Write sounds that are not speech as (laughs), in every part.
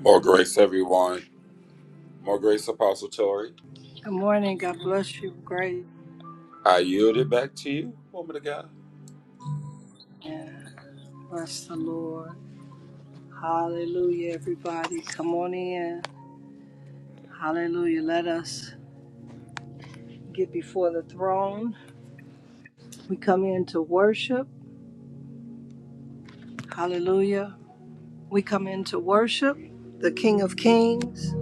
More grace, everyone. More grace, Apostle Tori. Good morning. God bless you. Great. I yield it back to you, woman of God. Yeah. Bless the Lord. Hallelujah, everybody. Come on in. Hallelujah. Let us get before the throne. We come in to worship. Hallelujah. We come in to worship the King of Kings,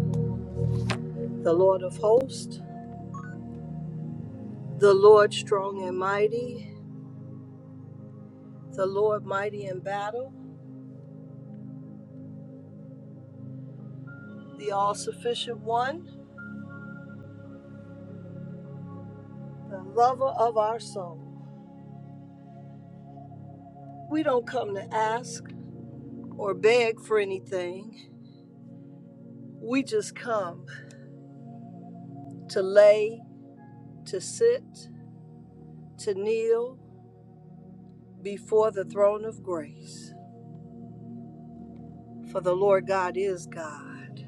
the Lord of Hosts, the Lord strong and mighty, the Lord mighty in battle, the all sufficient one, the lover of our soul. We don't come to ask or beg for anything. We just come to lay, to sit, to kneel before the throne of grace. For the Lord God is God.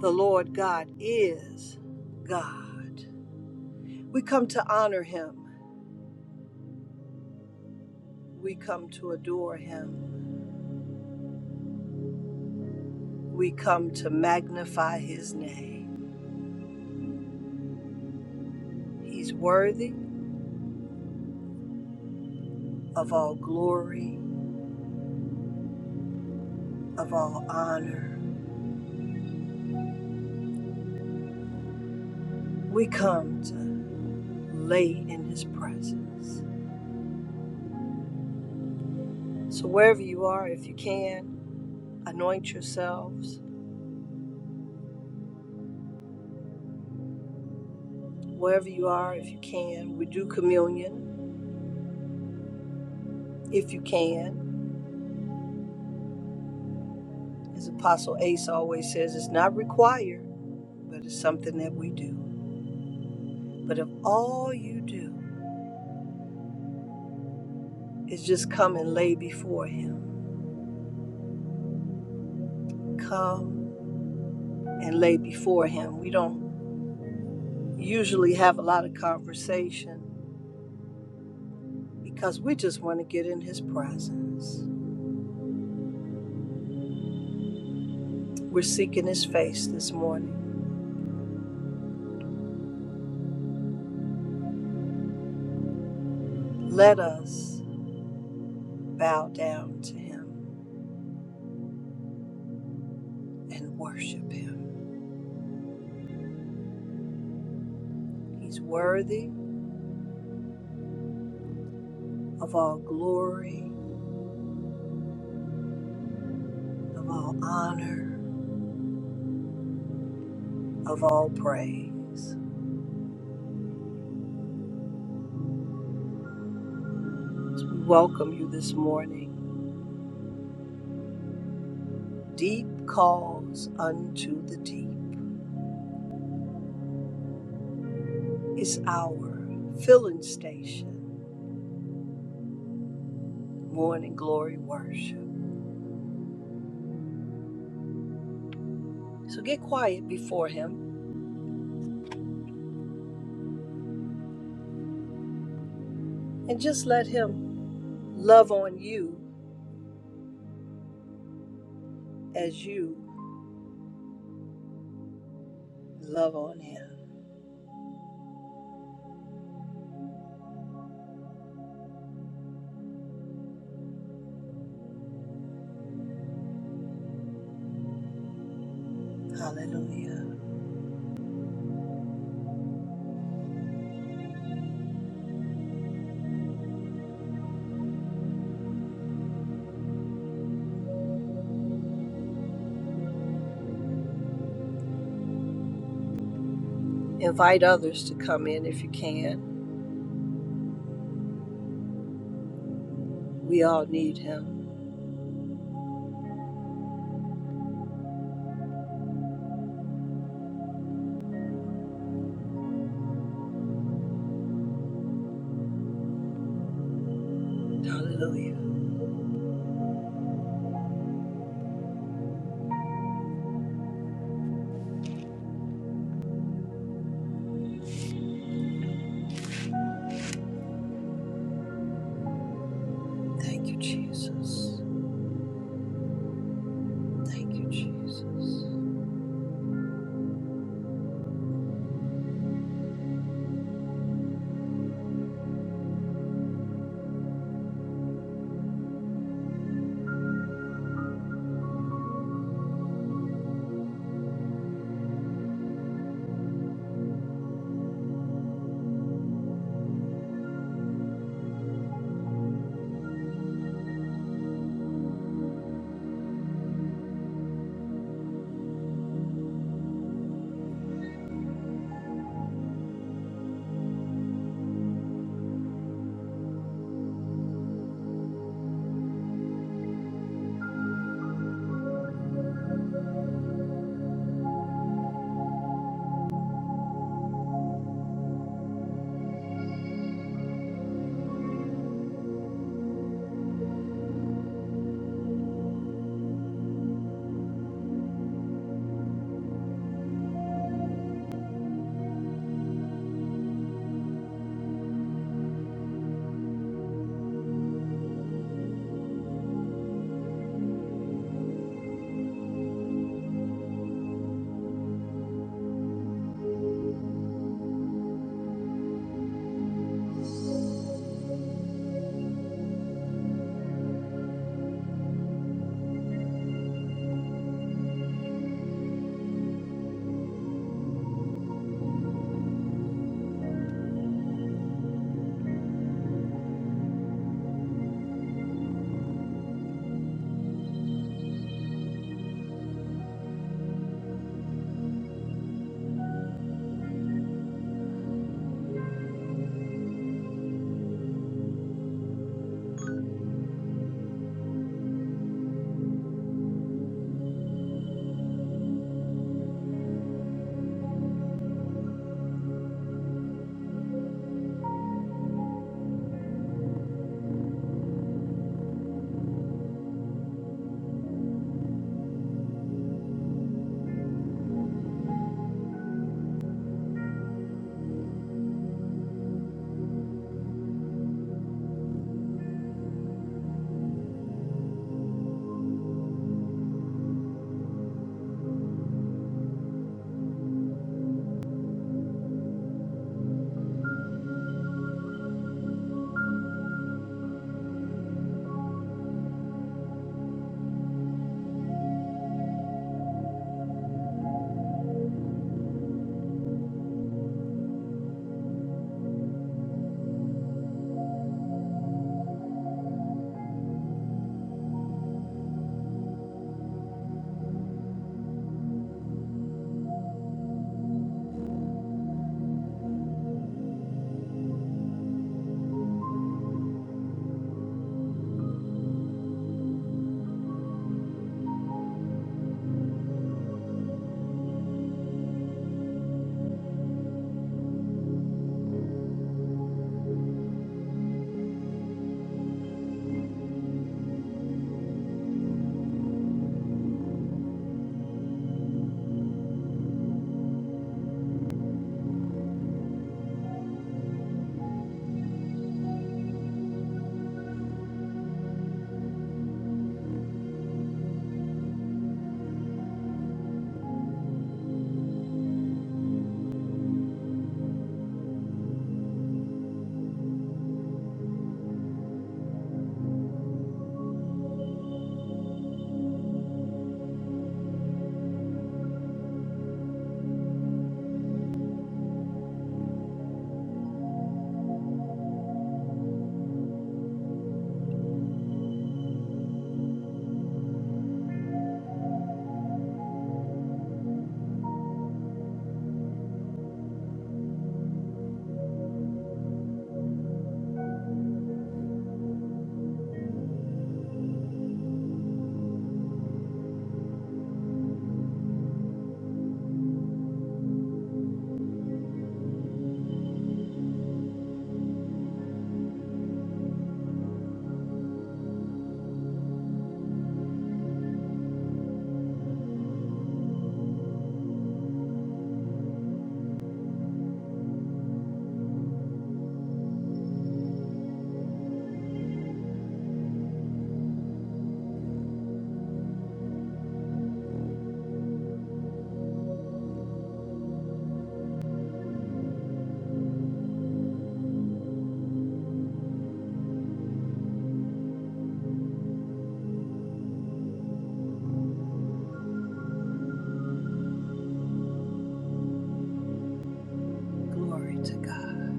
The Lord God is God. We come to honor him. We come to adore him. We come to magnify his name. He's worthy of all glory, of all honor. We come to lay in his presence. So, wherever you are, if you can, Anoint yourselves wherever you are if you can. We do communion if you can. As Apostle Ace always says, it's not required, but it's something that we do. But if all you do is just come and lay before Him, come and lay before Him. We don't usually have a lot of conversation because we just want to get in His presence. We're seeking His face this morning. Let us bow down to Him and worship him. He's worthy of all glory, of all honor, of all praise. So we welcome you this morning. Deep calls unto the deep. It's our filling station, morning glory worship. So get quiet before him and just let him love on you as you love on him. Hallelujah. Invite others to come in if you can. We all need him. Hallelujah. Thank you, Jesus. Thank you, Jesus. Glory to God.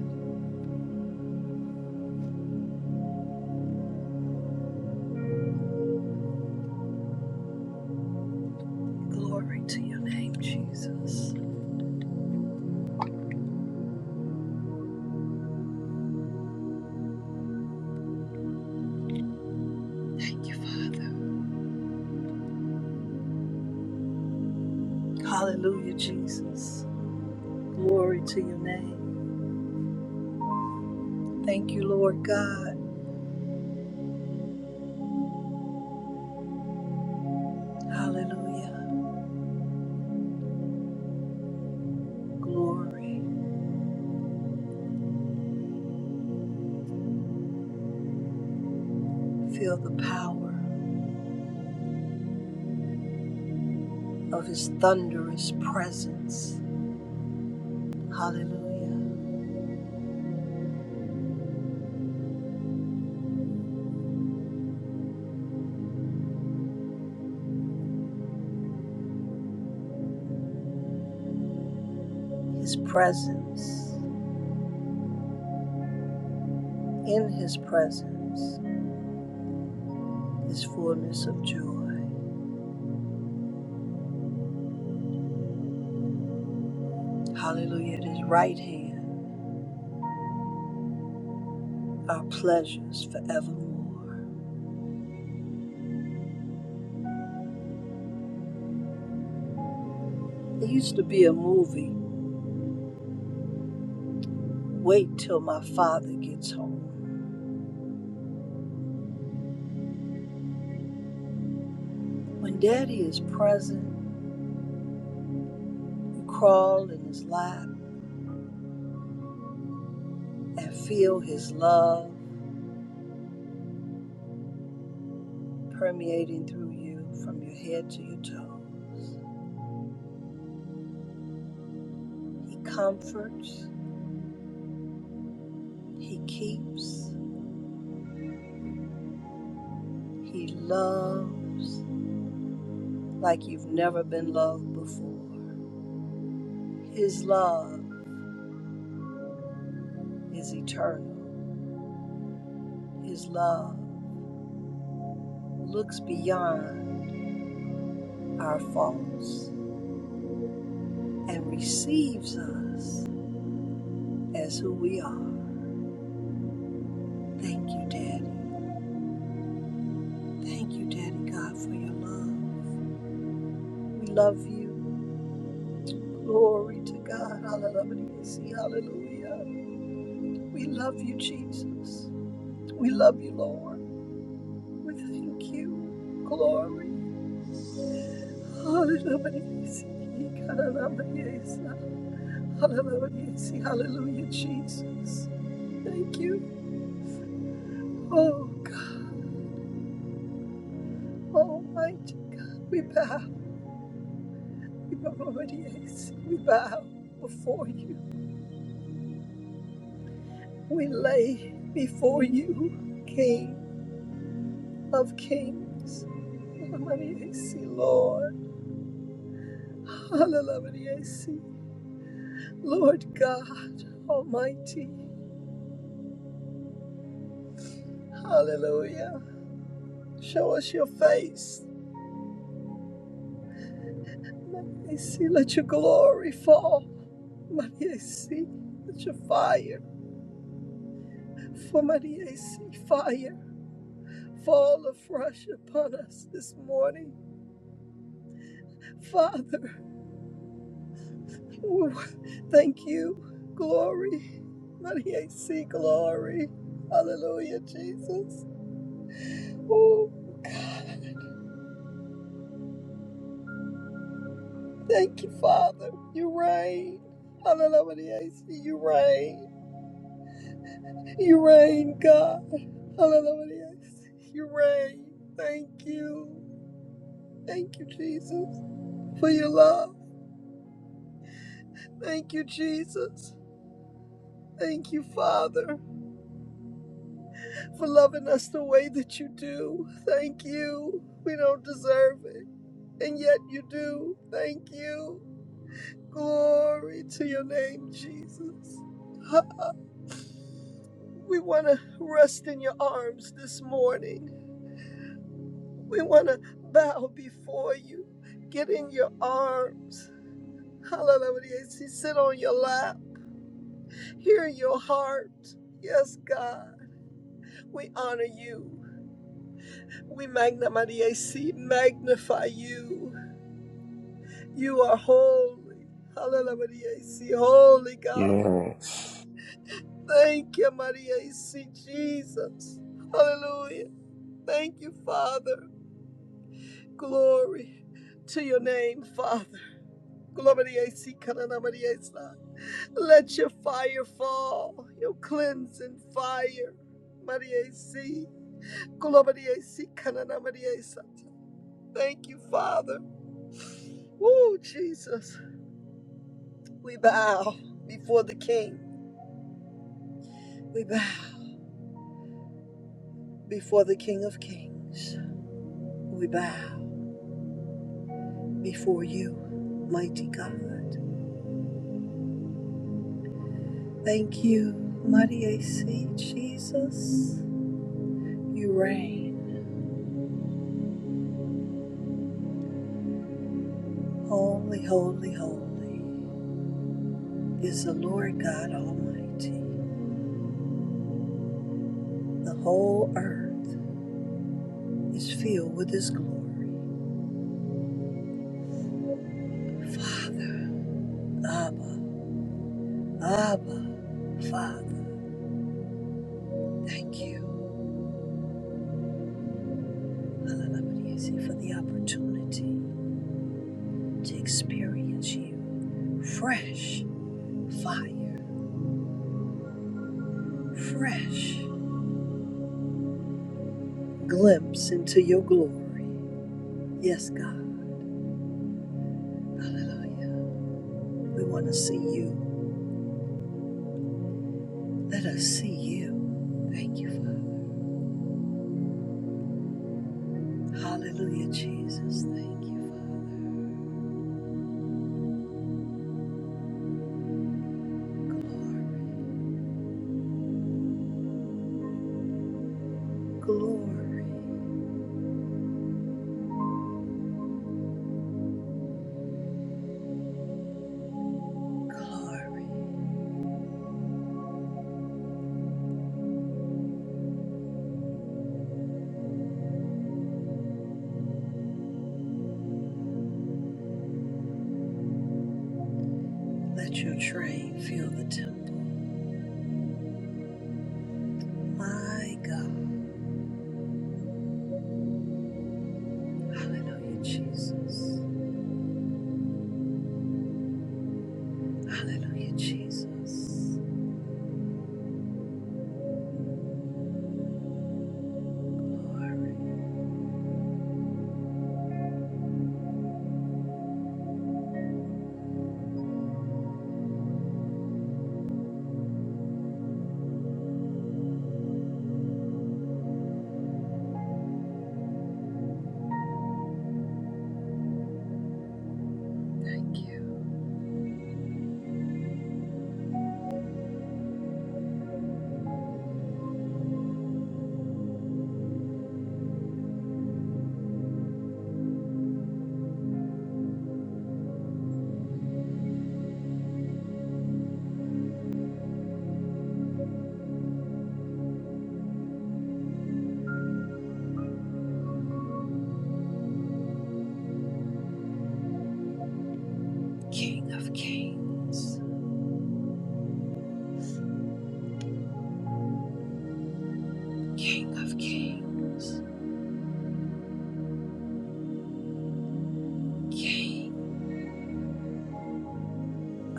Glory to your name, Jesus. Thank you, Father. Hallelujah, Jesus. Glory to your name. Thank you, Lord God. Hallelujah. Glory. Feel the power of his thunderous presence. Hallelujah. His presence. In his presence is fullness of joy. Hallelujah. At his right hand are pleasures forevermore. It used to be a movie, Wait Till My Father Gets Home. When daddy is present, you crawl in his lap and feel his love permeating through you from your head to your toes. He comforts, he keeps, he loves like you've never been loved before. His love is eternal. His love who looks beyond our faults and receives us as who we are. Thank you, Daddy. Thank you, Daddy God, for your love. We love you. Glory to God. Hallelujah. Hallelujah. We love you, Jesus. We love you, Lord. We thank you. Glory. Hallelujah. Hallelujah, Jesus. Thank you. Oh. Almighty, we bow, we bow, yes, we bow before you. We lay before you, King of Kings. Alamaniyesi, Lord, Alamaniyesi, Lord God Almighty, Hallelujah. Show us your face. Alamaniyesi, Let your glory fall. Alamaniyesi, Let your fire, for Alamaniyesi, fire. Fall afresh upon us this morning. Father, we thank you. Glory. Maria, see glory. Hallelujah, Jesus. Oh, thank you, Father. You reign. Hallelujah, Maria, see you reign. You reign, God. Hallelujah, Maria, see you reign. Thank you. Thank you, Jesus, for your love. Thank you, Jesus. Thank you, Father. for loving us the way that you do. Thank you. We don't deserve it, and yet you do. Thank you. Glory to your name, Jesus. We want to rest in your arms this morning. We want to bow before you, get in your arms. Hallelujah. Sit on your lap, hear your heart. Yes, God, we honor you. We magna- Maria, see, magnify you. You are holy. Hallelujah, Maria. See, holy Yeah. God. Thank you, Maria. See, Jesus. Hallelujah. Thank you, Father. Glory to your name, Father. Glory to see, Kanana Maria. Isa. Let your fire fall, your cleansing fire. Maria, see. Glory to see, Kanana Maria. Isa. Thank you, Father. Oh, Jesus. We bow before the King. We bow. Before the King of Kings, we bow before you, mighty God. Thank you, mighty AC Jesus. You reign. Holy, holy, holy is the Lord God Almighty. The whole earth is filled with His glory. Father, Abba, Abba, Father, thank you Alalabriesi, for the opportunity to experience you fresh fire, fresh glimpse into your glory. Yes, God. Hallelujah. We want to see you. Let us see you. Thank you, Father. Hallelujah, Jesus. Thank you, Father. Glory, glory, glory. Let your train fill the temple. My God. Hallelujah, Jesus. Hallelujah, Jesus. Glory. Thank you, King of Kings. King of kings, King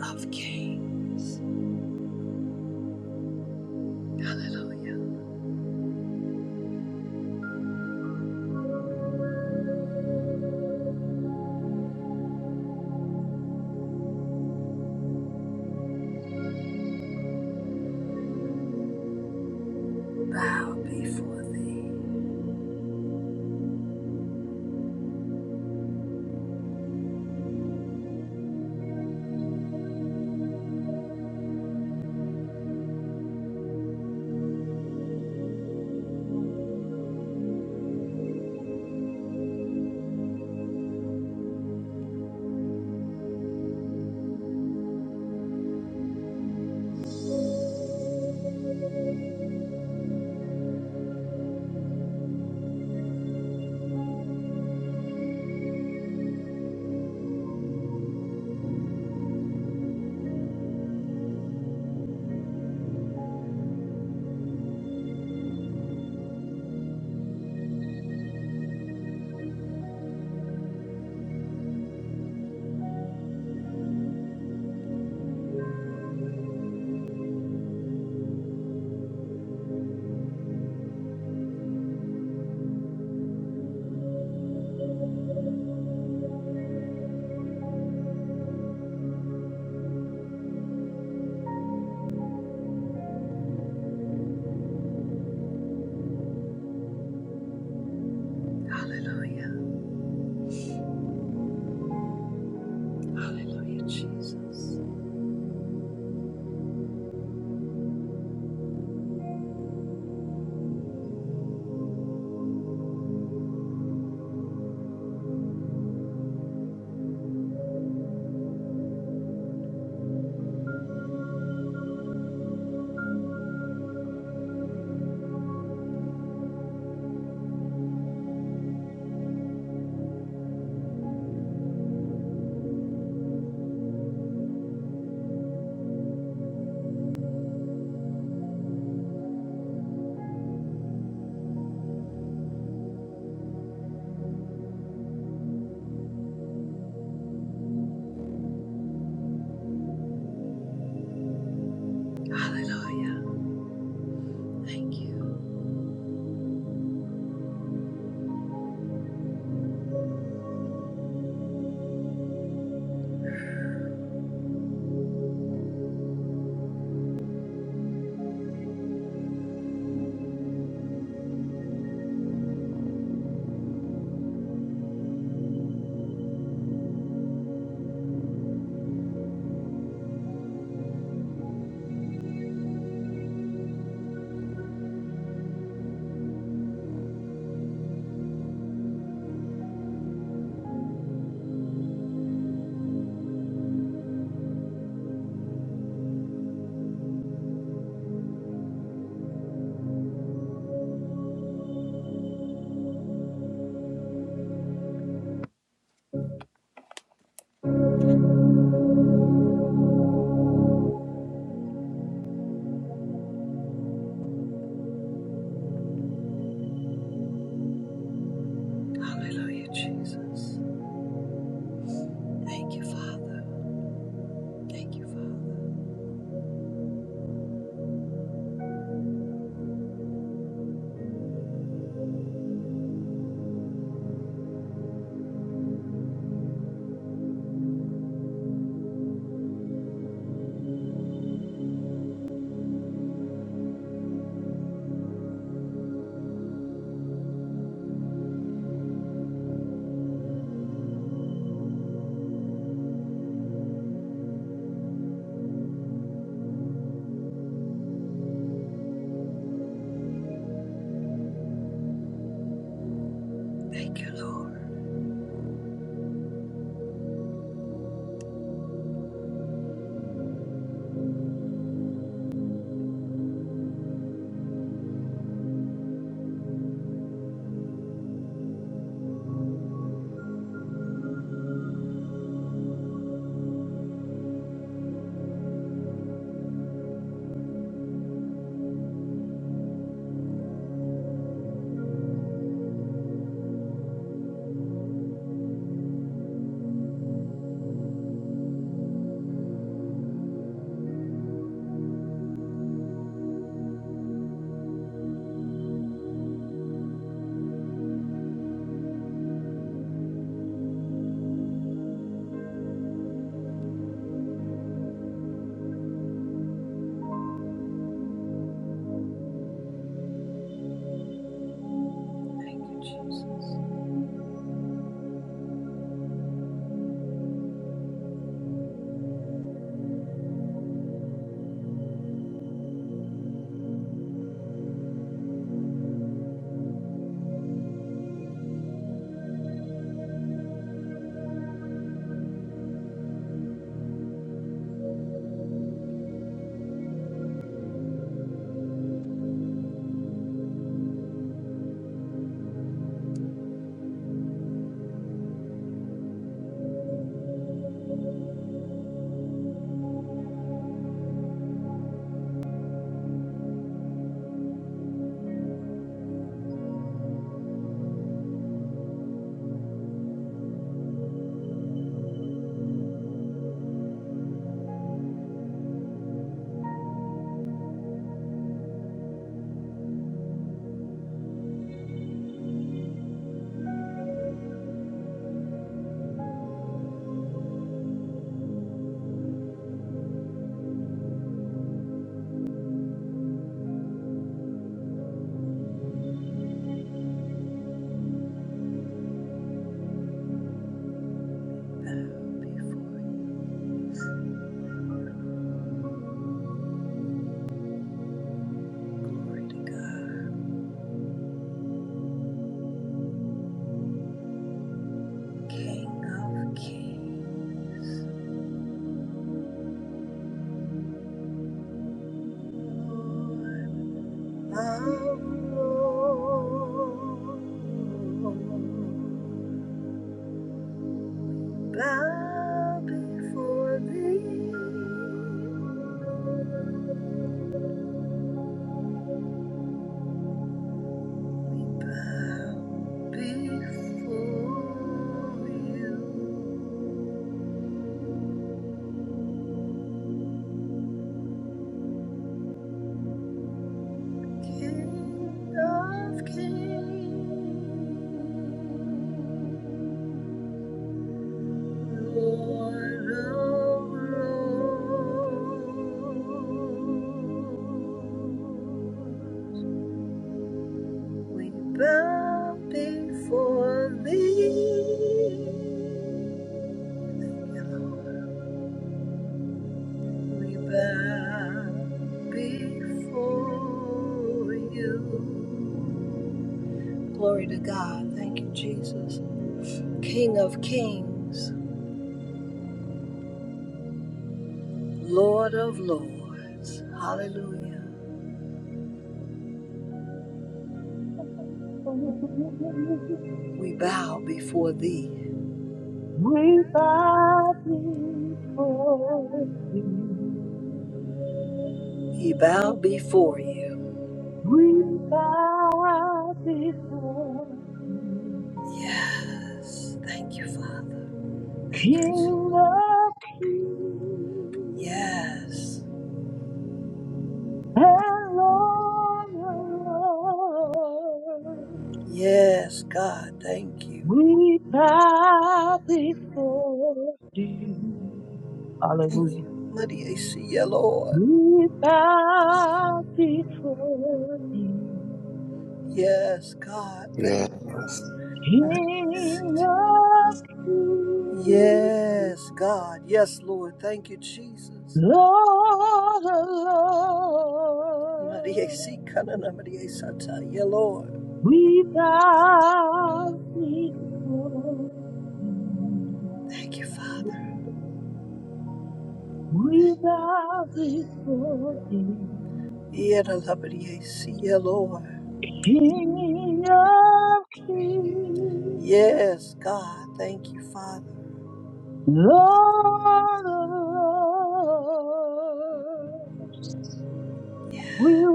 of kings. Hallelujah. Bow before thee. Hallelujah. Hallelujah, Jesus. Hallelujah. Thank you. Hallelujah, Jesus. Thank you, Father. Thank you, Father. Thank you, Lord. Thank you, Jesus. Bow before you. Glory to God. King of kings. Lord bow before thee. We bow before you, King of kings, Lord of lords. We bow before thee, Lord. we bow before you. Glory to God. Thank you, Jesus. King of kings, Lord of lords. Hallelujah. We We bow before thee. bow before thee. We bow before you. We bow before thee. Yes. Thank you, Father. Thank you. King of kings Yes. and Lord of lords. Yes, God, thank you. We bow before thee. Thank you. Hallelujah. Maria, see you, Lord. We bow before thee. Yes, God, thank Yes. you. King of kings, Yes, God. Yes, Lord. Thank you, Jesus. Lord of Maria, see, lords, Kanana, Maria, Santa, yeah, Lord. we bow before you. Thank you, Father. We bow before you, Yeah, the love of yeah, Lord. King of kings, Yes, God. Thank you, Father. Lord of lords. We worship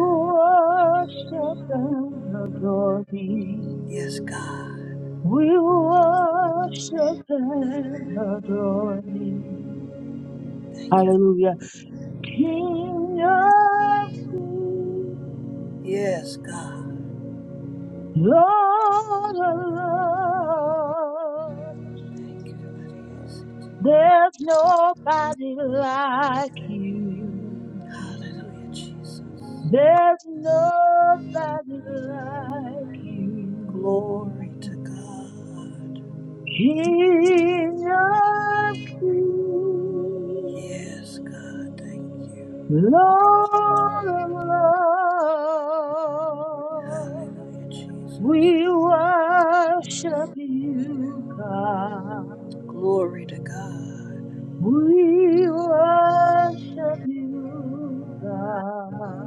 and adore thee. Yes, God. We worship and adore thee. Thank you. Hallelujah. King of kings, Yes, God. Lord of lords, Thank you, Maria. there's nobody like you. Hallelujah, Jesus. There's nobody like Glory to you. God. King of kings, Yes, God, thank you. Lord of lords, Hallelujah, we Jesus. worship you, God. Glory to God. We worship you, God.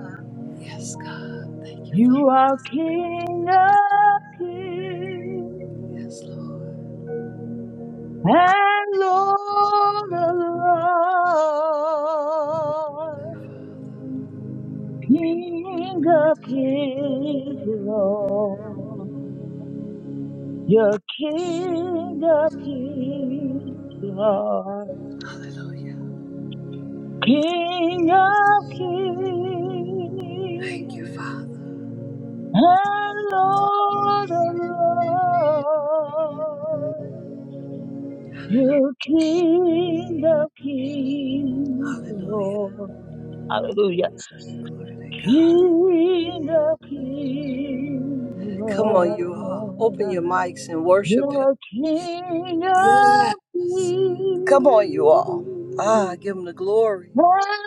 Yes, God, thank you, You are Father. King of kings Yes, Lord. and Lord of lords. Father. King of kings, Lord. You're King of kings, Lord. Hallelujah. King of kings Thank you, Father. and Lord of lords. You're King of kings, Hallelujah. Lord. Hallelujah. Glory to God. King of kings, Come on, you all. Open Lord. your mics and worship Him. The King of Yes. Come on, you Kings all. Ah, give Him the glory. and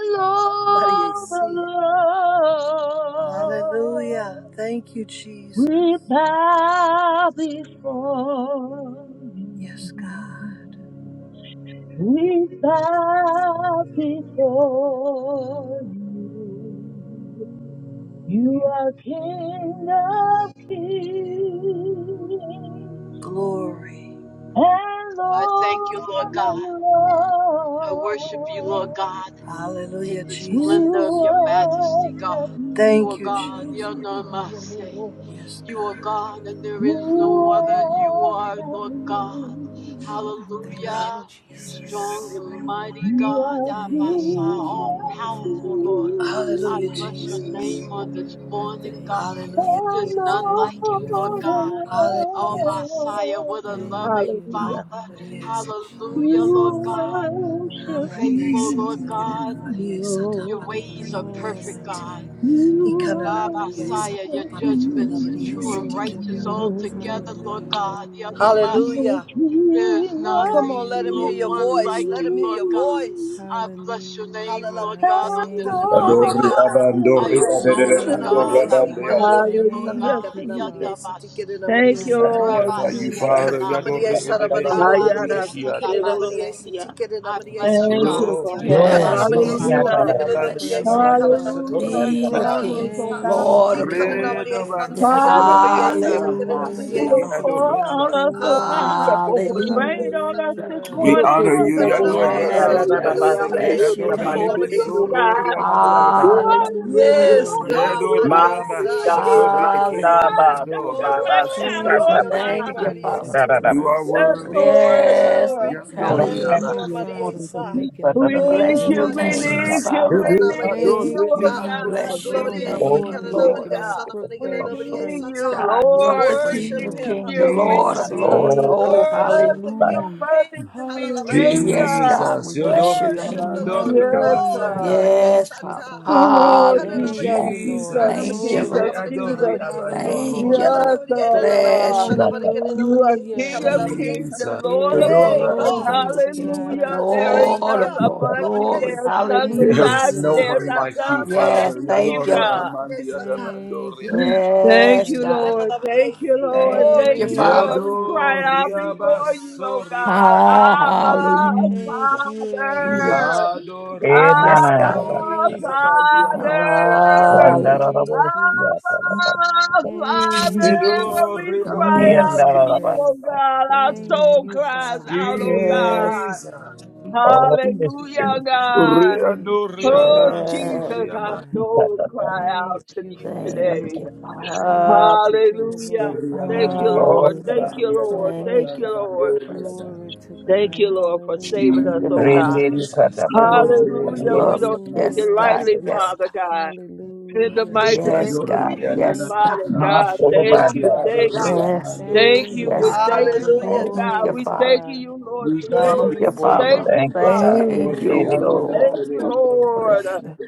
Maria Lord of C. Lords, Hallelujah. Thank you, we Jesus. bow before you. Yes, God. We bow before you. You are King of Kings. Glory. And I thank Lord, you, Lord God. oh I worship you, Lord Lord, God, in Hallelujah, the we splendor of Jesus. your majesty, God. worship You Thank are you, God. Jesus. You're you. no mercy. Lord. Yes, You are God. God and there We is no other. You are Hallelujah. worship Lord God. you. Thank Hall- Hallelujah. you, Lord. Jesus. Strong and mighty You God, are Abasa, Thank King you, all of Lord, for waking powerful me Lord. up this I kings. Hallelujah, bless your name Jesus. on this morning. I morning, God. thank you, Hallelujah, And There's Father. none Jesus. Lord, Thank like oh you, you Lord for my God. head. Hallelujah, Oh, Jesus. Messiah, Lord. what a Thank loving you, Hallelujah. Lord, in Father. Hallelujah, the name of Jesus. Hallelujah, Lord Jesus. God. You I worship Hallelujah, Faithful, praise your Lord City, him, name, God. Father. Your Lord. ways are Lord, perfect, I God. magnify your God, name, You Father. Messiah, your worship judgments are him, true and Glory to righteous God. Lord. altogether, Lord God. Hallelujah. Yanamas, You are Hallelujah. there's King of Come nothing, on, let him hear Lord, your one voice. like Let you, Hallelujah. him hear Lord your God. voice. kings I bless your name, Hallelujah. Lord Hallelujah. I God, on and this Thank Adore, you, morning, Jesus. God. I abandore, exalt you, adedere, Lord. Glory andore, God. to I Kananamadiasi, abande, God. I worship adore, you, Lord kalalabadiasata, thank Hallelujah, adai. God. you, Father. Jesus. kananamadiasi, Yandamas, Thank We I you, tikirinamadiasata. Lord Magnify Rabas, you, thank you, Jesus. Father. Yatana, Adore, Father. edebe, Rabas, socorri, Ayara Hallelujah. Ikananamadiasaramanigililabadiasi, iki, adai. Yatanamase. Sikirorosia. I bless you, Thank God. you, Glory Ro, to ri, Father. God. I aban, Glory. Yes, Lord. Yatanamase. thank so, you Hallelujah. ri, for your abandi, Bless your presence, name. adabando, Father. Hallelujah, sotorri, and iki, King of flood us, ai. King, oh God. Thank Lord you of for Lord. your Hallelujah. Re, daban, presence, Yeah, Father. suri, Hallelujah, andamanda, Father hallelujah, seki, Thank God, Lord. you, pour adore, Lord. on us, oh abandai. Glory God. to Ah, God. Hallelujah, Rain on us this Lord. Hallelujah. We morning, honor Lord you, God. Yador Hallelujah. Yes, and Hallelujah. God. We honor Sike All Bless you the your this Adori name. morning, praise, Lord Ebesoro God. the You honor, Riamaya. Hallelujah. are and the the root, you Yes, are glory, all God, we Lord. I have, Yadoriama Lord Mariesa, Yellow Shakori Jesus, Iki oh and Hallelujah. God. Father, Touch us right now, Glory Abesoriabad. to thank Lord you your for name, Thank God. you, grace and Father. for Mariesa. You are mercy, Yes, Lord. worthy, Jesus. Yes, Lord. Glory Lord. to your Thank name, Hallelujah. Yadoriaba. you, Lord Father, for Mariesa. making a We We way need out bless Glory of your you, no we way. name, need Jesus. Mariesi, you, Father. we Ede Kanana need you, Mariesa Adore Thank oh you, We ta. Father, God, for bless we your Glory going Eki, before need name, me, Kanana Lord. you, making Andosutoriamanda. my Mariesa, God. crook We path Namanigalila straight Mariesa need Yes, you, ta. God, on you are Lord, the this we day, King Worship of Lord. him, need Kings, the you, we Lord Mariesa of need Jesus. ta. Lords. you, Thank you're you, Oh, Worship Father. the worthy, King you're hallelujah. of worthy to Kings, be Hallelujah praised, Mariesa Yes, ta. God. Hallelujah. God, we Jesus. bless your Worship Yadoriama the name. Lord of Yes, Lords, Hallelujah. I Dorikabasoria. God. Thank Yes, you, Father. Gamadiesata. Father. He Oh, Kanana Hallelujah. Thank Jesus, you, Mariesi, Lord. Jesus, Jesus. Kanana Thank you, Mariesa, Glory Jesus, Sete Lord. to Namanigalila Adori God. Jesus. Mariesi. Thank you, Hallelujah. Yes, Lord. Yelalabriye, nanamariye, Bless God. your sarabarige, You are nanamariye, King Hallelujah. of name. sikalalabriye, kings sata. and Jesus. Lord of Yay, Yadorra Yes, lords. aman. God. King Glory of to amariye, Kings, God. sata. I Hallelujah. There is Thank thank Lord you. none of you, Oh, Lords. above Father. you. Gloriye, Glory. There is sa- none There Thank Hallelujah. is beside you, you. no There is one Glory Lord. not to like none you, God. Yes, Father. underneath thank you, you, Yadorra God. Lord. aman Ikalanamariye, sata. Thank diadabandoriada. you, Thank Yes, you, Jireh. God. Lord. Yelalabriye, Thank you, si. Lord. Thank Glory Thank you, to you, your Thank Lord. Father. name, We you, cry out before Elohim. you, oh God. Yadoriabasoriada. Ah, Abba, Thank hallelujah. you, Father. Elroy. Yes, God. Abba, Enanarabasta, Yadoriabandoriki Thank you, Father. abandiadabandoriada. Father. Hallelujah. Thank Vandarabasta, you, Nisi. Abba, Father, Hallelujah. Thank you, we cry Yadoriada. Yes, out to you, oh Emmanuel. Yandarabasta, God. Our Thank soul you, yes, cries Father. God. out, oh yes, God. Jesus. all Jesus, the Hallelujah, spirits Jesus, of the God. Jesus. Thank you, Oh, Riandoriaman El yes. Jesus, our Oh, soriaman. Shaddai. soul cry Katabasta, Thank out to you, you Father. Thank today. you, Yadoriada. Thank you, Father. Jehovah Hallelujah. Rapha. Thank Soriaman you, Thank all Lord. you, doriada Thank you, Hallelujah. the Father. bandiada. Lord. Thank Thank you, you for your Lord. presence. bandiada. Glory to Thank Thank God. you, you, Lord, for saving thank us, you, oh Hallelujah. Father. God. Rendiri Jesus, Katabasta, Going Yadori before us, and Hallelujah. We Dori love. don't take Amanda, it Yes, Hallelujah. God. lightly, Yes, Yada, Father God. God. In the Hallelujah. mighty Jesus. Hallelujah, Jesus. name Yes, of Shadori God. I and Jesus, thank Yes, God. you Father for your not God, all thank strength, Adoriki, you, Glory Father. to thank Bandarabasta. Adori you, God. Yes. Amando. thank Thank you. We're you, Yes, God. thanking Father. you, Hallelujah, oh Thank Jesus. God. you, Glory We're to Father. thanking God. you, Lord We bow Jesus. Thank Glory you, Thank We to before you, your you, Father. name. thank you, Lord. Thank you, Jesus, God. Father. Thank you, Yadori Thank Rendiri you, and Osarabasta, Thank Lord. you, Father. Adori We Lord. Bless you. Amando.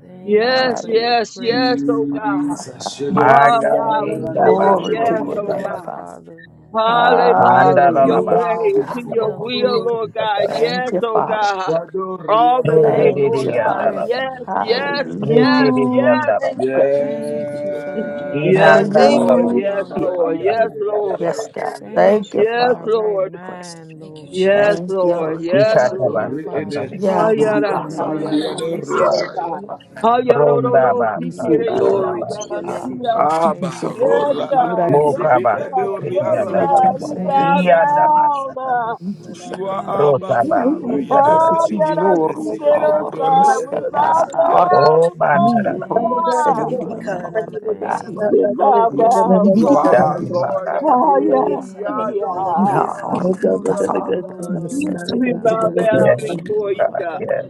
Thank you Yes, for Hallelujah. your yes, yes, presence, oh God. Father. Jesus, my Oh Shadori and God, God, we Thank you for singing Glory to your yes, Adori your oh Amando. name, joy, Indabashokosabasta, God. Father. Father. Hallelujah to We your Thank Mandarabasta, Hallelujah. you bow way, for to before your health, Katabasta, will, Glory. Lord. Lord God. Katabasta, Thank Yes, you, oh you, Father. God. Shadori All the day, Thank you Thank Rendiri Lord you, for God. Father. breath Yandarabasta. Yes, in Amando, my yes, body, Hallelujah. yes, Reke yes, Lord. de yes. Yanda Thank Yes, you, Rabba, Thank Jesus. to you your for the name. Yes, activity inanda of Thank my you, Lord. Yes, Jesus. Yandoria limbs, Hallelujah. Lord. Bandia Father. de Yes, de de Lord. de Yes, Rekedeviandarababa. de God. Thank Corianda. Thank you you, for Yes, my Father, for right your Lord. presence. mind, Thank you, Lord. Jesus. Yes, Thank you. Lord. Lord. Inandarabosharabandababa. Yes, Thank you, Shadori Lord. Father. Edes, Ikatabasandavigos. Yeah, that Hayara, Corianda casa, hayara. Thank Mandia that that you, Glory. city. Sikero Father. sa. Doria. You Hayaro ro ro. Thank see, you. Sikere sa Glory Lord, to yara your I Rondabasandarabasia. that name, seek siya. Jesus. you your see, you Abba, so face, cool, Yes, but you Rora, Father. would and the I not God. do it Yes, Siki with Mokabasi God. the Yes, Edoria seek Glory to baby. Bai. Too God. you. your ketiandarababa. We See, bad, Thank I kind bow did face, that. Father. Iyandamas. yes, down. You too shut You yes. up. are Abba, Father, Rotabasi Hallelujah. I The seek tararaba. city, your Yadoriki, Hayara, and yes, the face, Lord, that Sidi, sikero Father. are sa. Yadori We Mister Edna yes. bow that Mandia are down Oh, Dai. before me you, bandarabia. who Thank said that you, God. you don't Father. remember yes. um, what yes, that. Thank We you, bow Father. Yes, you down, did You it. are You Father. our did it. Lord Darababa. and um, Hayara yes, King, Thank you, siya. yes. um, Yadori Yeah, yes. Father. or um, yes, yes. yes. Mister, Asura We Glory to God. bow I down Yes, thank Mister, before you, you, God, God. Father. yes.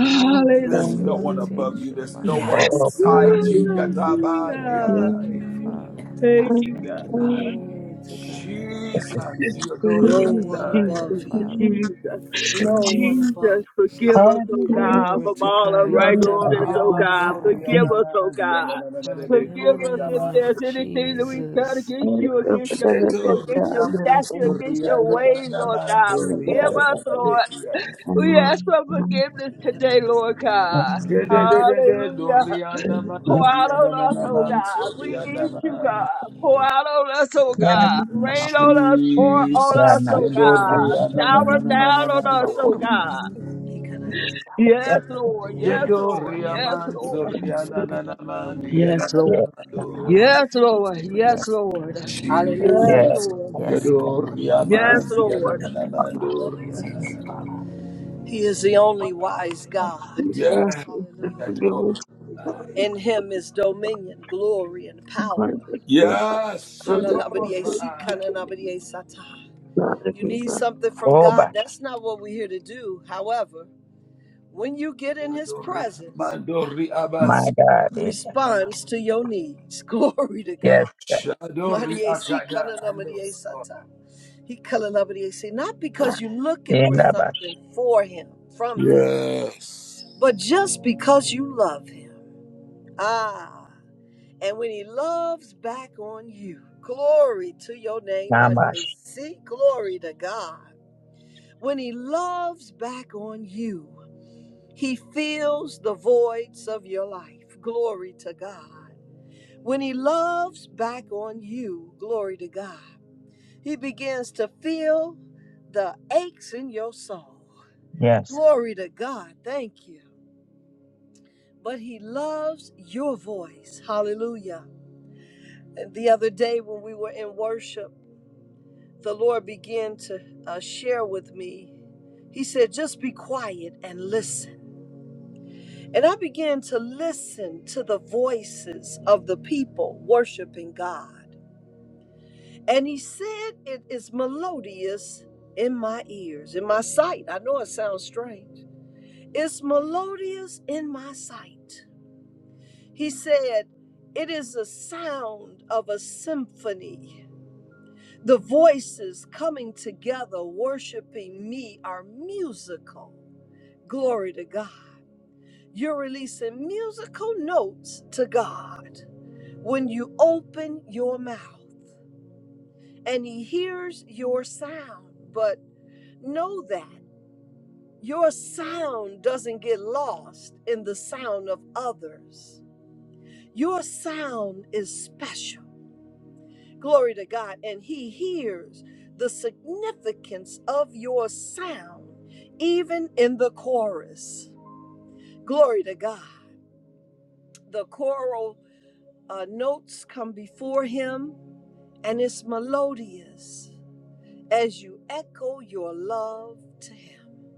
Thank you for There's your no one above you. protection, There's no Father. one Yes. Oh, beside you. Hallelujah. Thank Yatabandiadai. you, Yes, Father. God. Thank you, Thank God. you, Father. Glory to God. Jesus, Thank No you, one Thank Yodoradai. you, Jesus. above you. Father. Jesus. No one Jesus, above. forgive us, oh hallelujah. God, Glory from me, to all God. You Yes, have unrighteousness, Baba. but oh all God. Yandoriamando power, Forgive Yes, us, oh Rianamandia God. Father, in Forgive the Nananebeko us name if of there's Riamando. anything that we've done Jesus. against you, against your people, Eto against your statue, Riamanso against your ways, Lord God. Riananamando Forgive us, you. Lord. Riananabekianda. We Hallelujah, ask for forgiveness today, Lord yes, God. Yedede Hallelujah. Pour yes. out Dorianamandia on us, oh God. Nananamanso We need you, Rianaman. God. Pour out on us, oh yes. God. Rain Father, on us, pour Jesus, on us, Ranat. oh mm, Yes, God. God. Shower I'm so- down on you us, are Yandoriananananamando. oh calling me God. with- Yes, God. Yes, Lord. Yes, Yes, Lord. Shedoria Father. You Yes, man just need a Lord. little cool sip soriana of it. nana man Yes, diana Lord. nana Yes, mando. Yes, Lord. Hallelujah. Yes, Yes, Lord. yes, God. Hallelujah. Yes, Jesus. Lord. yes. God. (laughs) Shedoria man diana Yes, Good name, Father. Lord. Thank riada. you, Father. He is the only wise Oh, God. Yes, Hallelujah. Shedoria. In him is dominion, glory, and power. Yes, Shedoria. You need something from Oh, God. bash. That's not what we're here to do. However, when you get in His Shedoria presence, mandori My abas. God. He It, responds to your needs. (laughs) Glory to yes. God. God. Shedoria akada andos. Madiesikanalamadiesata. He kalalabadiesi. Not because you're looking In for the bash. something for Him, from Him, Yes. but just because you love Him. Ah, and when he loves back on you, glory to your name, my Namash. JC. Glory to God. When he loves back on you, he fills the voids of your life. Glory to God. When he loves back on you, glory to God, he begins to fill the aches in your soul. Yes. Glory to God. Thank you. But he loves your voice. Hallelujah. the other day when we were in worship, the Lord began to uh, share with me. He said, just be quiet and listen. And I began to listen to the voices of the people worshiping God. And He said, it is melodious in my ears, in my sight. I know it sounds strange. It's melodious in my sight. He said, it is the sound of a symphony The voices coming together, worshiping me, are musical. Glory to God. You're releasing musical notes to God when you open your mouth and He hears your sound. But know that your sound doesn't get lost in the sound of others, your sound is special. Glory to God. And He hears the significance of your sound, even in the chorus. Glory to God. The choral uh, notes come before Him, and it's melodious as you echo your love to Him.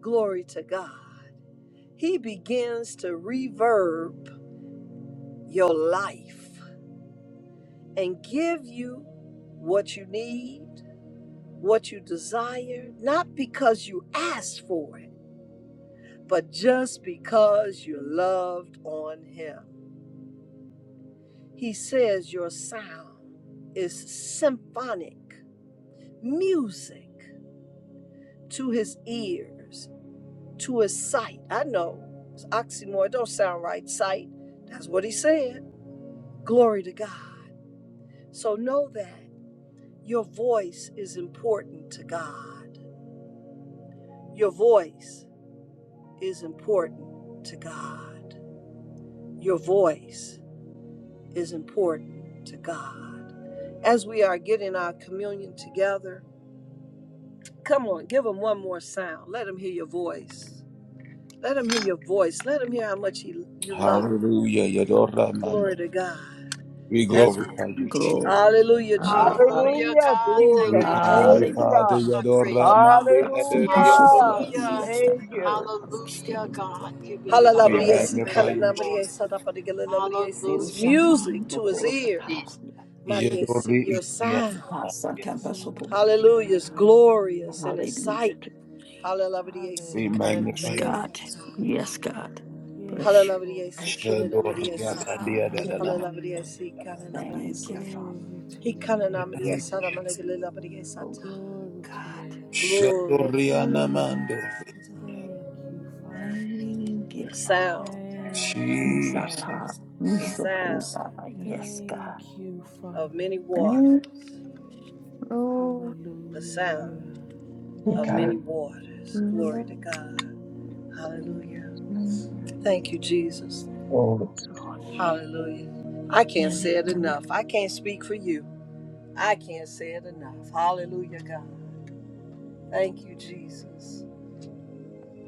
Glory to God. He begins to reverb your life and give you what you need what you desire, not because you asked for it, but just because you loved on Him. He says your sound is symphonic music to His ears, to His sight. I know it's oxymoron, it don't sound right, sight. That's what He said. Glory to God. So know that your voice is important to God. Your voice. is important to God. Your voice is important to God. As we are getting our communion together, come on, give him one more sound. Let him hear your voice. Let him hear your voice. Let him hear how much he, you love him. Hallelujah. Yadora manda. Glory to God. We As glorify we, you, Jesus. Glory. hallelujah, Jesus. Hallelujah, Hallelujah. Hallelujah, God. Jesus. We Glory Thank you, honor to Thank you, you, Jesus. Hallelujah. Father. God. I praise Yadora you, God. mande God, so be sure ederiana to Hallelujah. remember you. Hallelujah. That's basore. that Thank you. God. I will God. be Hallelujah, standing in God. the Giving you And the We highest yes, Halalabadiasi, God. praise, magnify you, Lord. kananabadiasi, Jesus. sadabadigalilabadiasi. Oro It's Hallelujah, shindi di God. music di, oro to his koro Thank you, Jesus. ears. kata. Mariasi, Yadori your sound. ikiana Ah, ba. Sakamba Glory to Sopobi. Hallelujah. God. It's glorious in Hallelujah. his Hallelujah. sight. We Halalabadiasi, Yes, magnify Hallelujah. you. kananabadiasi, God. ta. Yes, God. Bless Yes, you. Lord. Halalabadiasi, Bless you. Father. kinanabadiasi, Shadoria ta. Thank bandia da da you, da. Father. Hallelujah. Halalabadiasi, Thank you, kananabadiasi. Father. Glory to He your name, kananabadiasi, Father. Oh, sadabadigalilabadiasi, ta. Glory to your God. name, Glory Father. to God. Shadoriana Thank you. mando. Father. Thank you, Father. Thank you, The Father. sound, Thank We you, Father. suppose, we the suppose, sound Father. Yes, Thank God. you, of Father. many Thank waters. you, Lord. the Hallelujah. sound of God. many Thank waters. you, Glory to Lord. God. Hallelujah. Thank Thank you, Jesus. Oh, you, Hallelujah. I can't say it Lord. enough. I can't speak for you. I can't say it enough. Hallelujah, God. Thank you, Jesus.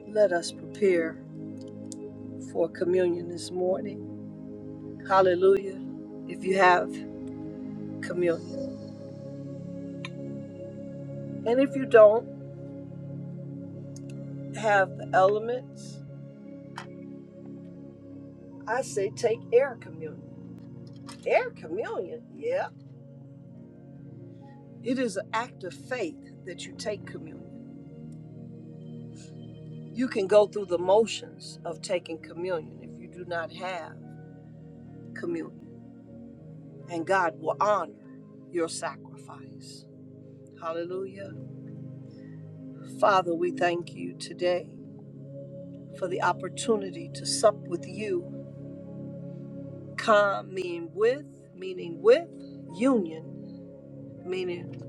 Let us prepare for communion this morning. Hallelujah. If you have communion. And if you don't have the elements, I say take air communion. Air communion? Yep. It is an act of faith that you take communion. You can go through the motions of taking communion if you do not have communion, and God will honor your sacrifice. Hallelujah. Father, we thank you today for the opportunity to sup with you. Come, meaning with, meaning with, union, meaning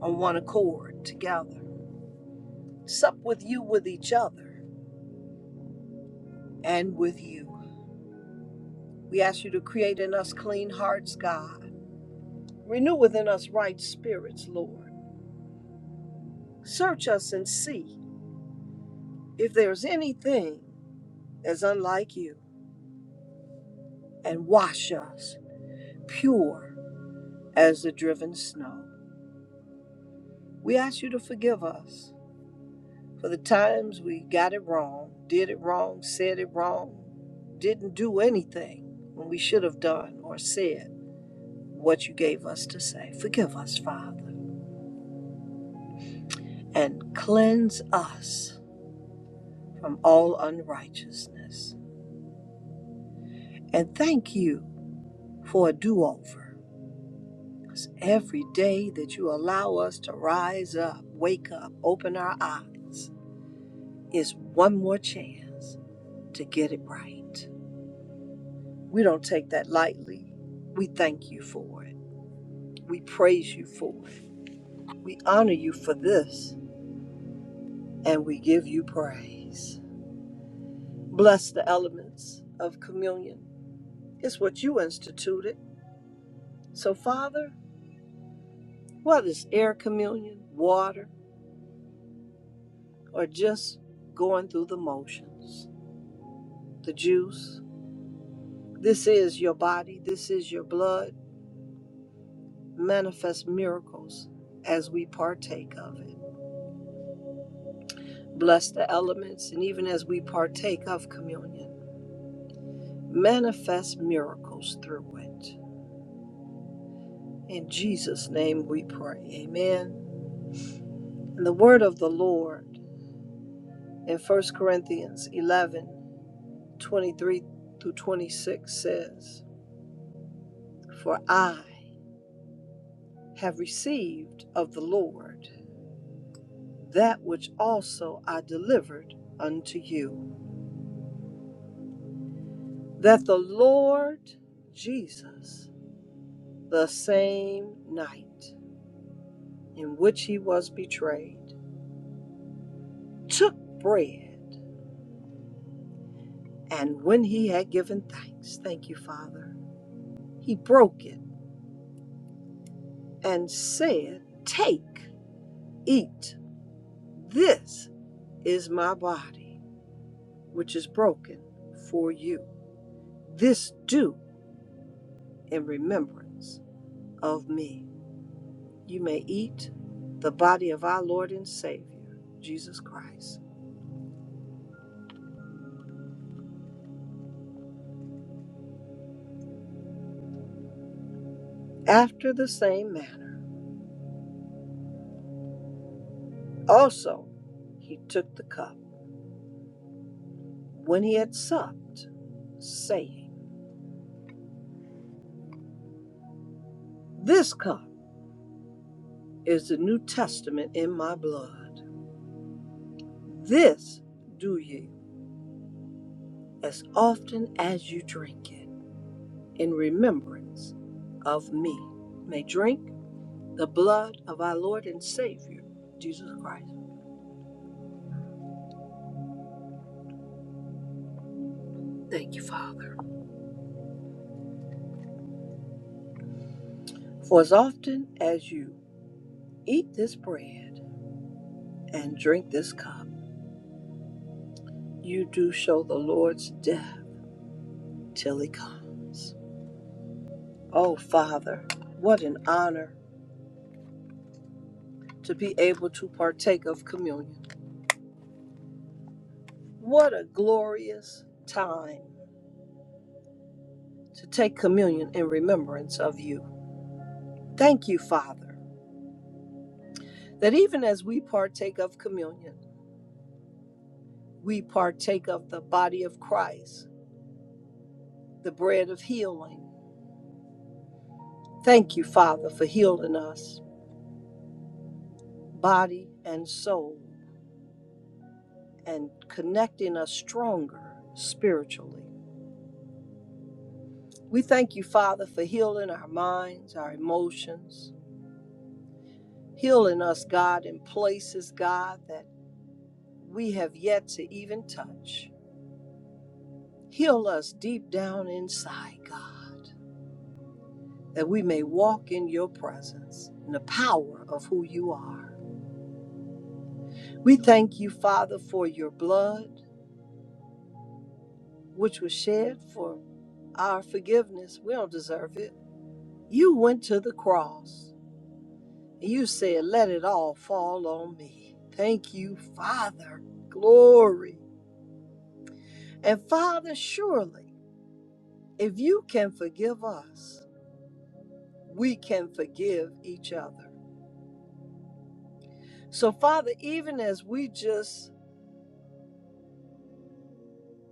on one accord together. Sup with you, with each other, and with you. We ask you to create in us clean hearts, God. Renew within us right spirits, Lord. Search us and see if there's anything that's unlike you, and wash us pure as the driven snow. We ask you to forgive us for the times we got it wrong, did it wrong, said it wrong, didn't do anything when we should have done or said what you gave us to say. Forgive us, Father, and cleanse us from all unrighteousness. And thank you for a do over. Every day that you allow us to rise up, wake up, open our eyes is one more chance to get it right. We don't take that lightly. We thank you for it. We praise you for it. We honor you for this and we give you praise. Bless the elements of communion. It's what you instituted. So, Father, whether it's air communion, water, or just going through the motions, the juice. This is your body, this is your blood. Manifest miracles as we partake of it. Bless the elements, and even as we partake of communion, manifest miracles through it. In Jesus' name we pray. Amen. And the word of the Lord in First Corinthians 11 23 through 26 says, For I have received of the Lord that which also I delivered unto you, that the Lord Jesus, the same night in which he was betrayed, took bread, and when he had given thanks, thank you, Father, he broke it and said, Take, eat, this is my body, which is broken for you. This do in remembrance of me. You may eat the body of our Lord and Savior, Jesus Christ. After the same manner, also he took the cup when he had supped, saying, This cup is the New Testament in my blood. This do ye as often as you drink it in remembrance of me. May drink the blood of our Lord and Savior, Jesus Christ. Thank you, Father. For as often as you eat this bread and drink this cup, you do show the Lord's death till he comes. Oh, Father, what an honor to be able to partake of communion. What a glorious time to take communion in remembrance of you. Thank you, Father, that even as we partake of communion, we partake of the body of Christ, the bread of healing. Thank you, Father, for healing us, body and soul, and connecting us stronger spiritually. We thank you, Father, for healing our minds, our emotions, healing us, God, in places, God, that we have yet to even touch. Heal us deep down inside, God, that we may walk in your presence, in the power of who you are. We thank you, Father, for your blood, which was shed for our forgiveness. We don't deserve it. You went to the cross and you said, Let it all fall on me. Thank you, Father. Glory. And Father, surely, if you can forgive us, we can forgive each other. So, Father, even as we just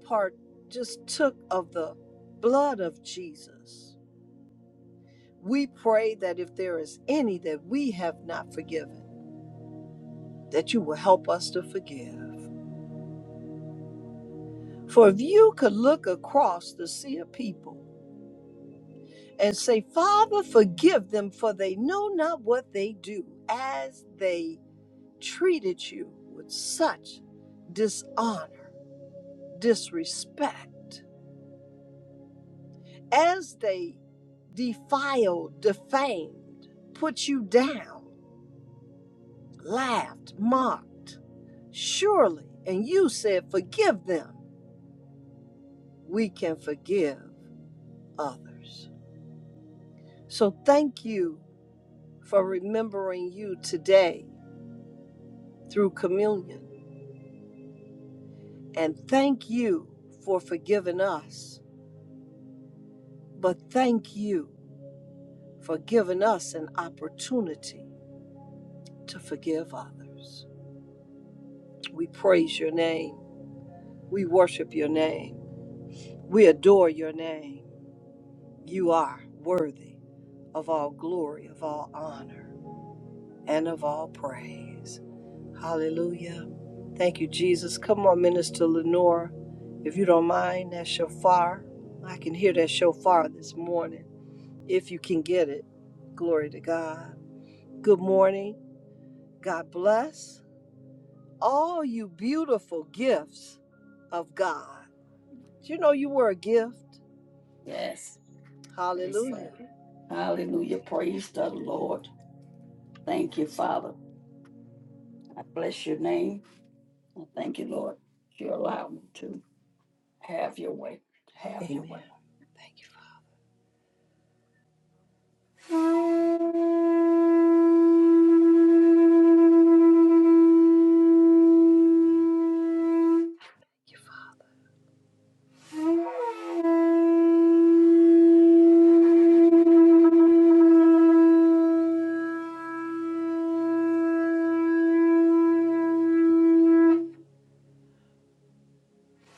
part, just took of the blood of Jesus, We pray that if there is any that we have not forgiven, that you will help us to forgive. For if you could look across the sea of people and say, Father, forgive them, for they know not what they do, as they treated you with such dishonor, disrespect, as they defiled, defamed, put you down. laughed, mocked. Surely, and you said, Forgive them. We can forgive others. So thank you for remembering you today through communion. And thank you for forgiving us. But thank you for giving us an opportunity to forgive others. We praise your name. We worship your name. We adore your name. You are worthy of all glory, of all honor, and of all praise. Hallelujah. Thank you, Jesus. Come on, Minister Lenora. If you don't mind, that shofar. I can hear that shofar this morning, if you can get it. Glory to God. Good morning. God bless all you beautiful gifts of God. Do You know you were a gift. Yes, Yes. Hallelujah. Hallelujah. Praise the Lord. Thank you, Father. I bless your name. I thank you, Lord. You allow me to have your way. Have your way. Amen. Thank you.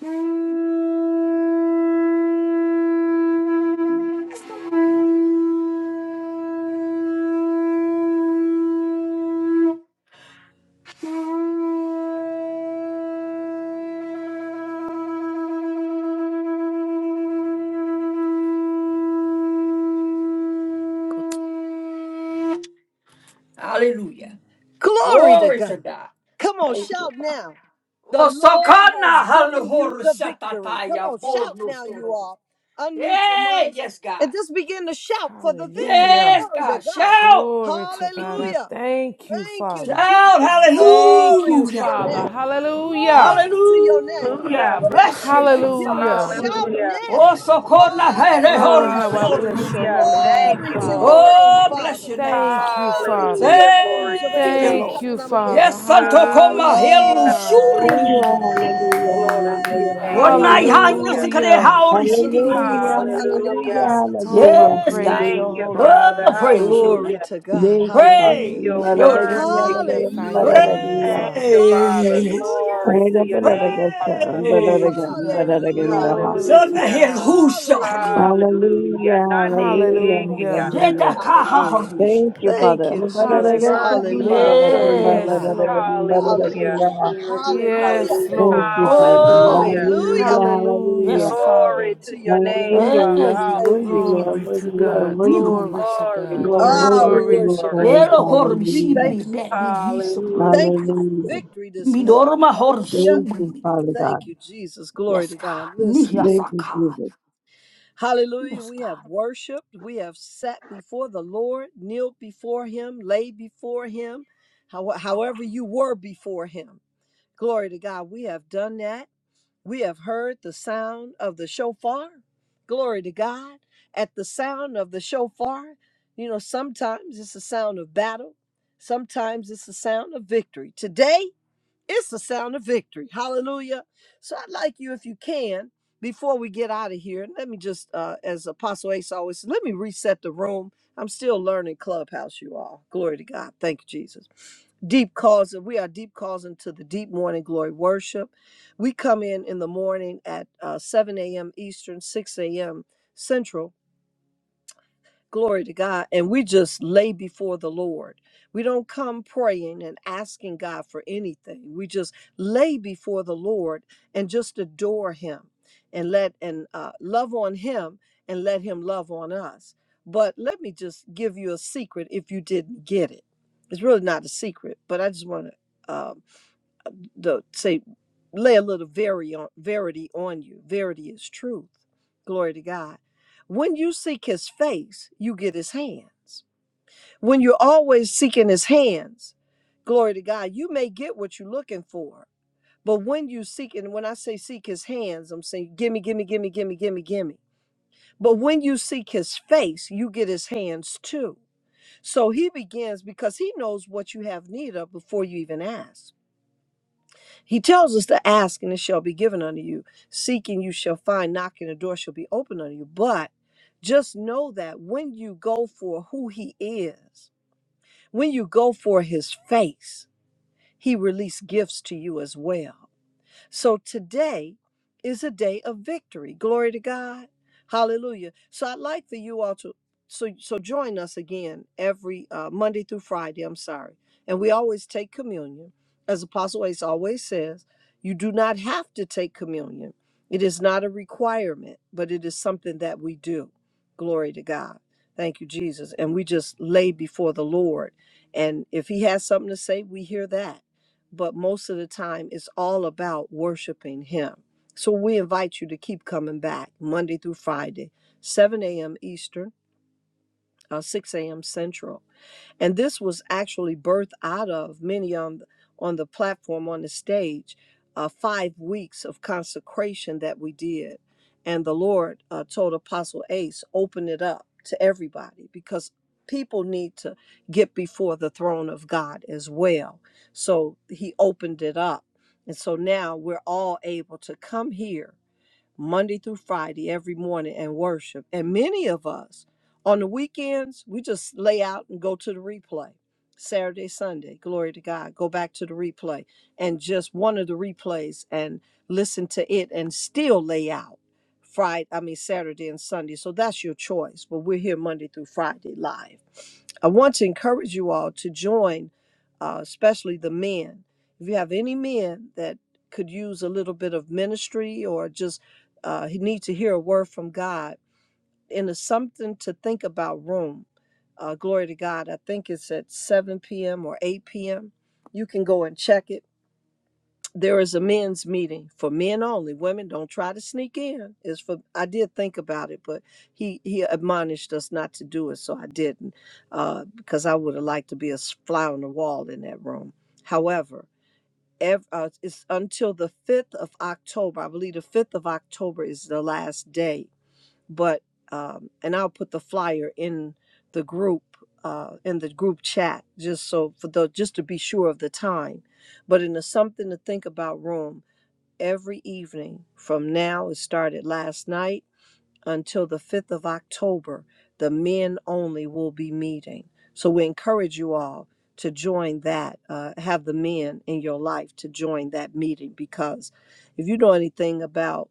Hallelujah. Glory to Glory to God. God. Come on, Thank you. shout Father. now. The Lord Osokana has given you haluhor the victory. Come shatataya on, shout now, you bodnostoro. all. Unmute your Hey, mics yes, and God. just begin to shout for the victory. Hallelujah. Yes, Glory to God. God. Shout. Glory to God. I Hallelujah. thank you, Thank you, Father. Shout. Jesus. Thank Glory you, to Hallelujah. your Father. name. Hallelujah. Glory to your name. Hallelujah. Hallelujah. Whatever Bless it your is you're name, dealing Father. with, Hallelujah. shout Hallelujah. now. Oh, so cold, not had a Oh, horrible Hallelujah, how I story. bless Jesus. your Hallelujah. holy Thank name, Glory you, to Father. your Lord. name, Oh, bless Father. your name, Thank Father. you, Glory to Father. your Hallelujah. name. Glory to Thank your you, name. Thank Lord. you, Father. Yes, Santo Hallelujah. Coma, Helu Glory Hallelujah. Shuri. hallelujah, hallelujah, Glory to your name. One to night, hallelujah. God. hang the Hallelujah. secret Hallelujah. hour. Hallelujah. Hallelujah, hallelujah, Hallelujah. Oh, I hallelujah, Yes, God. praise Thank your hallelujah. you, holy Father. Oh, name, praise Father. you. Glory Hallelujah. to God. Thank you, Father. Hallelujah. Praise You're your Oh, name. I Maradaganga, worthy. Maradaganga, magnify your Hallelujah. name, Maradaganga. Thank you, Father. Father. Praise. Hallelujah. Glory to your name, Father. Ayagapaladagasam, Glory Praise. Maradagam, to God. Hallelujah. Maradaganga. Glory Zana to Hallelujah. hel God. husharman. Hallelujah. Hallelujah. Hallelujah, Nane, Glory hallelujah, to eh, eh, Hallelujah. God. Jeta hallelujah. kaha ah. Hallelujah. hormish. Thank you, Thank Father. you, You're Jesus. Mbadadagasa, worthy, Hallelujah. Hallelujah. mbadadaga, Father. Glory to Yes, Yes. God. mbabadadaga, Lord. Hallelujah. Hallelujah. mbadadaga. Hallelujah. Hallelujah. Yes, Hallelujah. Thank Lord. you, Father. Oh. Hallelujah. Hallelujah. Hallelujah, Hallelujah. Yes, Hallelujah, hallelujah. God. Father. Glory Glory to to your your name, name, Hallelujah. You Father. are Jesus. Thank you. Thank you, worthy, you are Glory Jesus. worthy, to you are Glory God. to worthy. Nihu Glory God. master. to Glory, You God. are glory, Ah, worthy glory, we to Glory be to worship glory. and praised. God. Elo adore you. We Hallelujah. hormishibri thank you, that ni Father. viso Thank Hallelujah. you premekaya. for Hallelujah. victory this morning. Midorma Hallelujah. Thank you, horshibri. Father God. Thank you, Jesus. Glory Yes, to God. God. Listen. Nihya Thank you, sakai. Jesus. Hallelujah. Yes, We God. have worshiped. We have sat before the Lord, kneeled before Him, lay before Him, how- however you were before Him. Glory to God. We have done that. We have heard the sound of the shofar. Glory to God. At the sound of the shofar, you know, sometimes it's the sound of battle, sometimes it's the sound of victory. Today, it's the sound of victory. Hallelujah. So I'd like you, if you can, before we get out of here, let me just, uh, as Apostle Ace always said, let me reset the room. I'm still learning Clubhouse, you all. Glory to God. Thank you, Jesus. Deep calls. We are deep calls into the deep morning glory worship. We come in in the morning at uh, 7 a.m. Eastern, 6 a.m. Central Glory to God. And we just lay before the Lord. We don't come praying and asking God for anything. We just lay before the Lord and just adore Him and let and uh, love on Him and let Him love on us. But let me just give you a secret if you didn't get it. It's really not a secret, but I just want to the say lay a little very on, verity on you. Verity is truth. Glory to God. When you seek his face, you get his hands. When you're always seeking his hands, glory to God, you may get what you're looking for. But when you seek, and when I say seek his hands, I'm saying gimme, gimme, gimme, gimme, gimme, gimme. But when you seek his face, you get his hands too. So he begins because he knows what you have need of before you even ask. He tells us to ask and it shall be given unto you. Seek and you shall find. Knock and the door shall be open unto you. But just know that when you go for who he is, when you go for his face, he released gifts to you as well. So today is a day of victory. Glory to God. Hallelujah. So I'd like for you all to so so join us again every uh, Monday through Friday. I'm sorry, and we always take communion, as Apostle Ace always says. You do not have to take communion. It is not a requirement, but it is something that we do. Glory to God. Thank you, Jesus. And we just lay before the Lord. And if He has something to say, we hear that but most of the time it's all about worshiping Him. So we invite you to keep coming back Monday through Friday, 7 a.m. Eastern, uh, 6 a.m. Central and this was actually birthed out of many on the, on the platform on the stage uh, five weeks of consecration that we did and the lord uh, told apostle ace open it up to everybody because people need to get before the throne of god as well so he opened it up and so now we're all able to come here Monday through Friday every morning and worship. And many of us on the weekends, we just lay out and go to the replay. Saturday, Sunday, glory to God, go back to the replay and just one of the replays and listen to it and still lay out Friday, I mean, Saturday and Sunday. So that's your choice. But we're here Monday through Friday live. I want to encourage you all to join, uh, especially the men. If you have any men that could use a little bit of ministry or just uh, he needs to hear a word from God. And it's something to think about room. Uh, glory to God. I think it's at 7 p.m. or 8 p.m. You can go and check it. There is a men's meeting for men only. Women don't try to sneak in. It's for I did think about it, but he he admonished us not to do it, so I didn't uh, because I would have liked to be a s- fly on the wall in that room. However, ev- uh, it's until the 5th of October. I believe the 5th of October is the last day but um, and I'll put the flyer in the group uh, in the group chat just so for the just to be sure of the time. But in the something to think about room every evening from now it started last night until the 5th of October, the men only will be meeting. So we encourage you all to join that, uh, have the men in your life to join that meeting because if you know anything about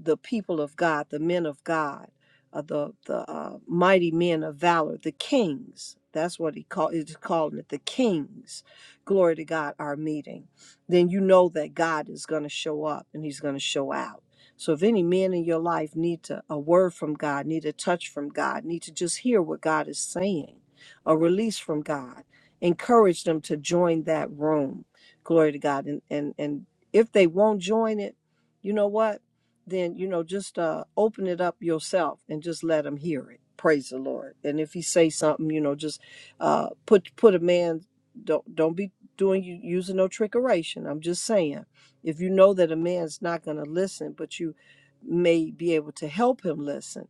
the people of God, the men of God, uh, the the uh, mighty men of valor, the kings. That's what he call is calling it, the kings. Glory to God, our meeting. Then you know that God is going to show up and He's going to show out. So if any men in your life need to, a word from God, need a touch from God, need to just hear what God is saying, a release from God, encourage them to join that room. Glory to God. And and and if they won't join it, you know what? Then you know just uh, open it up yourself and just let them hear it. Praise the Lord. And if he say something, you know, just uh, put put a man. Don't don't be doing you using no trickeration. I'm just saying if you know that a man's not going to listen, but you may be able to help him listen,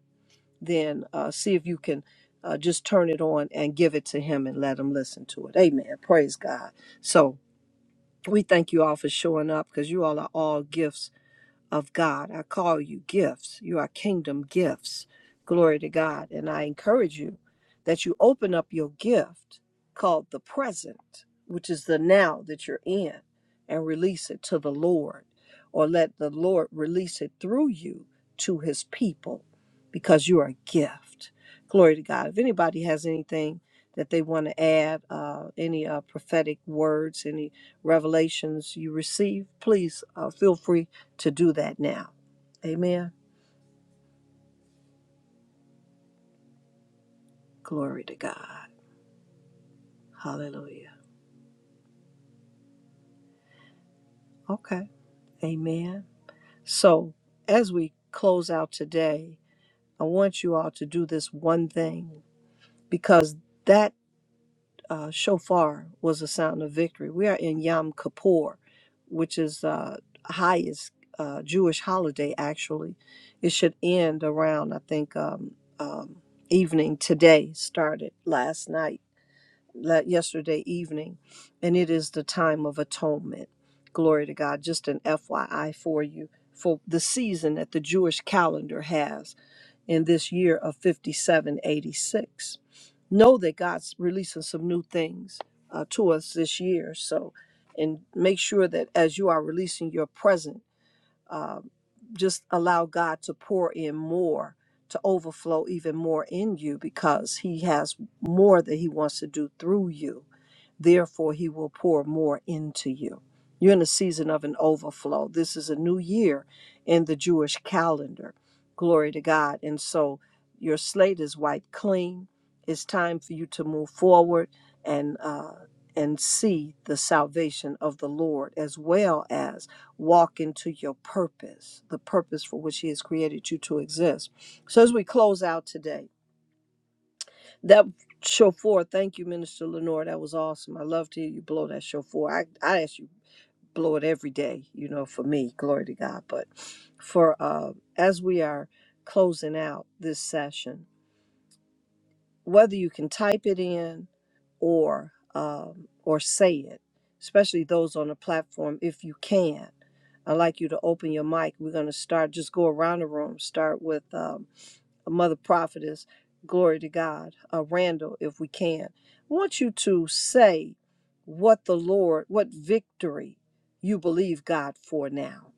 then uh, see if you can uh, just turn it on and give it to him and let him listen to it. Amen. Praise God. So we thank you all for showing up because you all are all gifts of God. I call you gifts. You are kingdom gifts. Glory to God. And I encourage you that you open up your gift called the present, which is the now that you're in, and release it to the Lord, or let the Lord release it through you to his people because you are a gift. Glory to God. If anybody has anything that they want to add, uh, any uh, prophetic words, any revelations you receive, please uh, feel free to do that now. Amen. Glory to God. Hallelujah. Okay. Amen. So, as we close out today, I want you all to do this one thing because that uh, shofar was a sound of victory. We are in Yom Kippur, which is the uh, highest uh, Jewish holiday. Actually, it should end around I think um, um, evening today. Started last night la- yesterday evening, and it is the time of atonement. Glory to God. Just an FYI for you for the season that the Jewish calendar has in this year of 5786. Know that God's releasing some new things uh, to us this year. So, and make sure that as you are releasing your present, uh, just allow God to pour in more, to overflow even more in you because He has more that He wants to do through you Therefore, He will pour more into you. You're in a season of an overflow. This is a new year in the Jewish calendar. Glory to God. And so your slate is wiped clean. It's time for you to move forward and uh, and see the salvation of the Lord as well as walk into your purpose, the purpose for which He has created you to exist. So as we close out today, that shofar, thank you, Minister Lenore. That was awesome. I love to hear you blow that shofar. I I ask you blow it every day, you know, for me, glory to God. But for uh, as we are closing out this session, whether you can type it in or um, or say it, especially those on the platform, if you can, I'd like you to open your mic. We're going to start. Just go around the room. Start with. Um, Mother Prophetess, glory to God, uh, Randall, if we can. I want you to say what the Lord, what victory you believe God for now.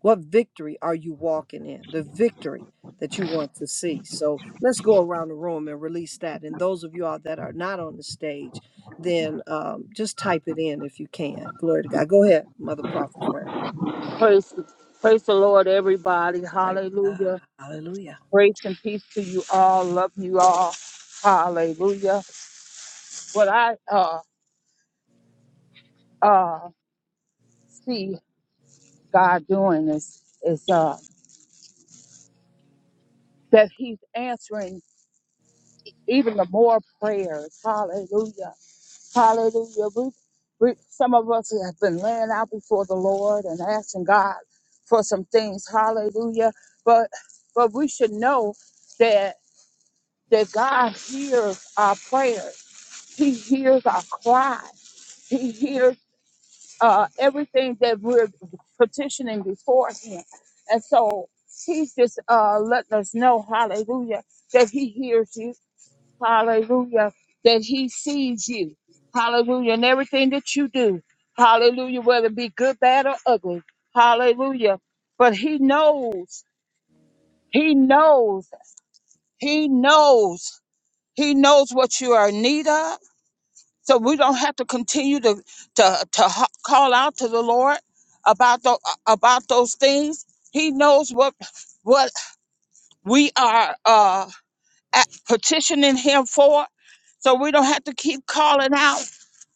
What victory are you walking in? The victory that you want to see. So let's go around the room and release that. And those of you all that are not on the stage, then um, just type it in if you can. Glory to God. Go ahead, Mother Prophetess Randall. Praise, praise the Lord, everybody. Praise God. Hallelujah. Hallelujah. Grace and peace to you all. Love you all. Hallelujah. What I uh uh see God doing is is uh that He's answering even the more prayers. Hallelujah. Hallelujah. We, we, some of us have been laying out before the Lord and asking God for some things. Hallelujah. But but we should know that that God hears our prayers. He hears our cry. He hears uh, everything that we're petitioning before Him. And so He's just uh, letting us know, Hallelujah, that He hears you Hallelujah. That he sees you. Hallelujah. And everything that you do. Hallelujah. Whether it be good, bad, or ugly. Hallelujah. But he knows. He knows. He knows. He knows what you are in need of. So we don't have to continue to to, to ho- call out to the Lord about the, about those things. He knows what what we are uh, at- petitioning him for. So we don't have to keep calling out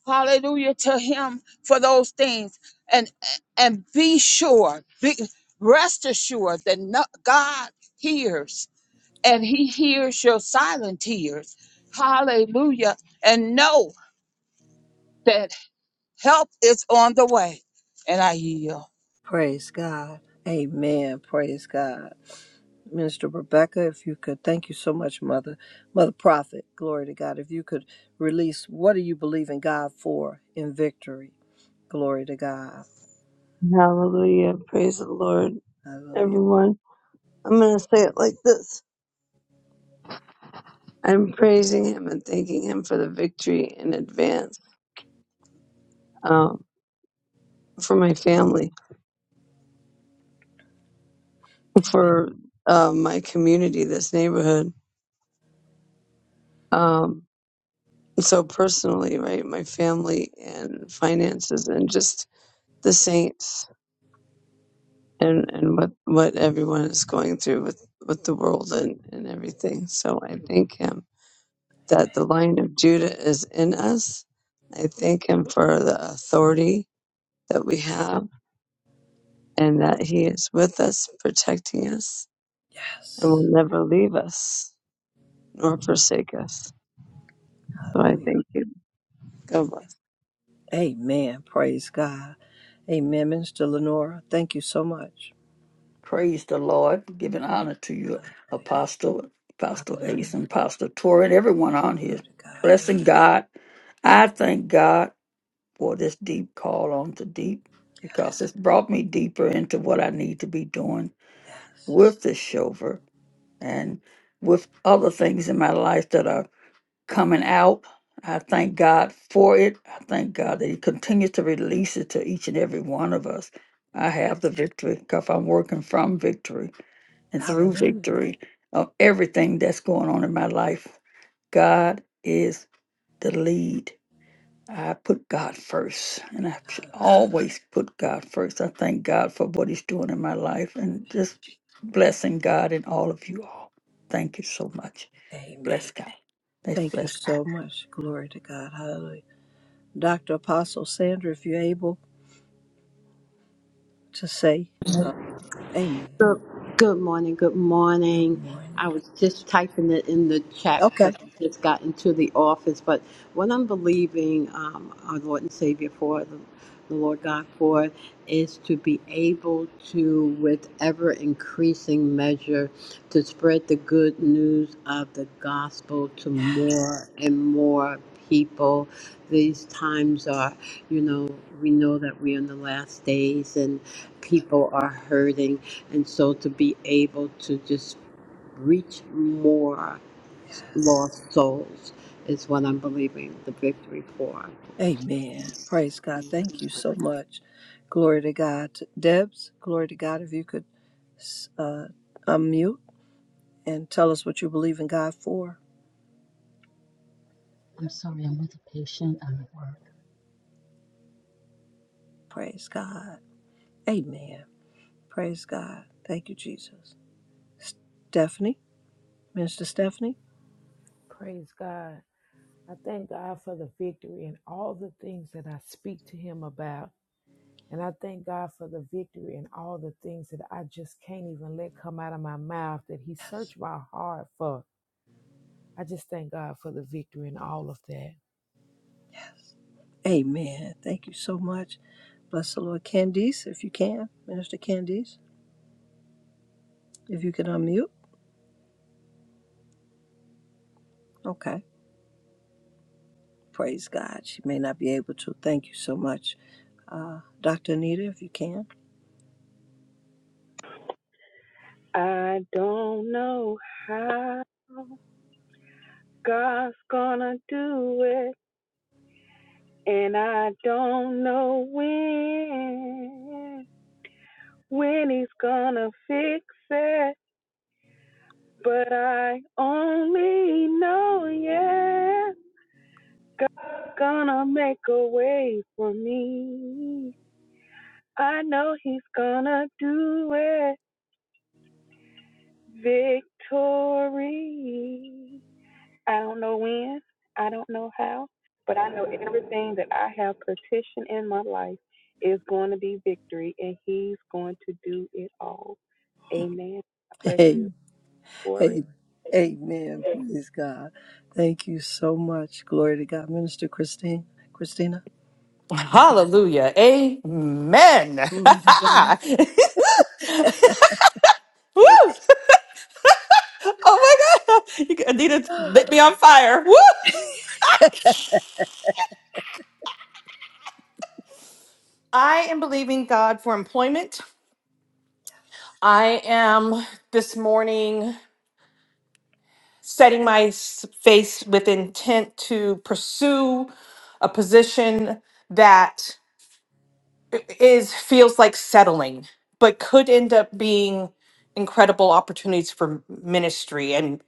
hallelujah to him for those things and and be sure be rest assured that no, god hears and he hears your silent tears hallelujah and know that help is on the way and i yield Praise God. Amen. Praise God. Minister Rebecca, if you could, thank you so much, Mother, Mother Prophet, glory to God. If you could release, what do you believe in God for in victory? Glory to God. Hallelujah. Praise the Lord. Hallelujah. Everyone, I'm going to say it like this. I'm praising him and thanking him for the victory in advance, um, for my family, Amen. for uh, my community, this neighborhood. Um, so personally, right, my family and finances, and just the saints, and and what what everyone is going through with with the world and and everything. So I thank him that the line of Judah is in us. I thank him for the authority that we have and that He is with us, protecting us, and will Yes. never leave us nor forsake us. So I Hallelujah. thank you. God bless. Amen. Praise God. Amen. Minister Lenora, thank you so much. Praise the Lord. Giving honor to you, Apostle, Apostle Hallelujah. Ace, and Apostle Tori, and everyone on here. Glory to God. Amen. Blessing God. I thank God for this deep call on to deep because it's brought me deeper into what I need to be doing Yes. with this Shover and with other things in my life that are coming out. I thank God for it. I thank God that He continues to release it to each and every one of us. I have the victory because I'm working from victory and through Hallelujah. victory of everything that's going on in my life. God is the lead. I put God first, and I should always put God first. I thank God for what He's doing in my life and just blessing God and all of you all. Thank you so much. Amen. Bless God. Let's Thank you bless God. so much. Glory to God. Hallelujah. Dr. Apostle Sandra, if you're able to say uh, Amen. Good, good morning. Good Good morning. morning. I God was bless just typing it in the chat you. Okay. because I just got into the office. But what I'm believing um, our Lord and Savior for, the, the Lord God for, is to be able to, with ever increasing measure, to spread the good news of the gospel to more and more people. These times are, you know, we know that we're in the last days and people are hurting and so to be able to just reach more lost souls is what I'm believing the victory for. Amen. Praise God. Thank you so much. Glory to God. Debs, glory to God. If you could uh, unmute and tell us what you believe in God for. I'm sorry, I'm with a patient. I'm at work. Praise God. Amen. Praise God. Thank you, Jesus. Stephanie, Minister Stephanie. Praise God. I thank God for the victory and all the things that I speak to Him about. And I thank God for the victory and all the things that I just can't even let come out of my mouth that He searched my heart for. I just thank God for the victory and all of that. Yes. Amen. Thank you so much. Bless the Lord. Candice, if you can. Minister Candice, if you can unmute. Okay. Praise God. She may not be able to. Thank you so much, uh, Dr. Anita, if you can. I don't know how God's gonna do it, and I don't know when, when He's gonna fix it, but I only know, yeah. God's gonna make a way for me. I know he's gonna do it. Victory. I don't know when, I don't know how, but I know everything that I have petitioned in my life is going to be victory, and he's going to do it all. Amen. God bless Hey, you, Tori. hey, amen. Praise God. Thank you so much. Glory to God. Minister Christine, Christina, Hallelujah. Amen. (laughs) glory to God. Woo! Hey. (laughs) Oh my God. You- Anita (gasps) lit me on fire. Woo! I am believing God for employment. I am this morning setting my s- face with intent to pursue a position that i- is feels like settling, but could end up being incredible opportunities for ministry. And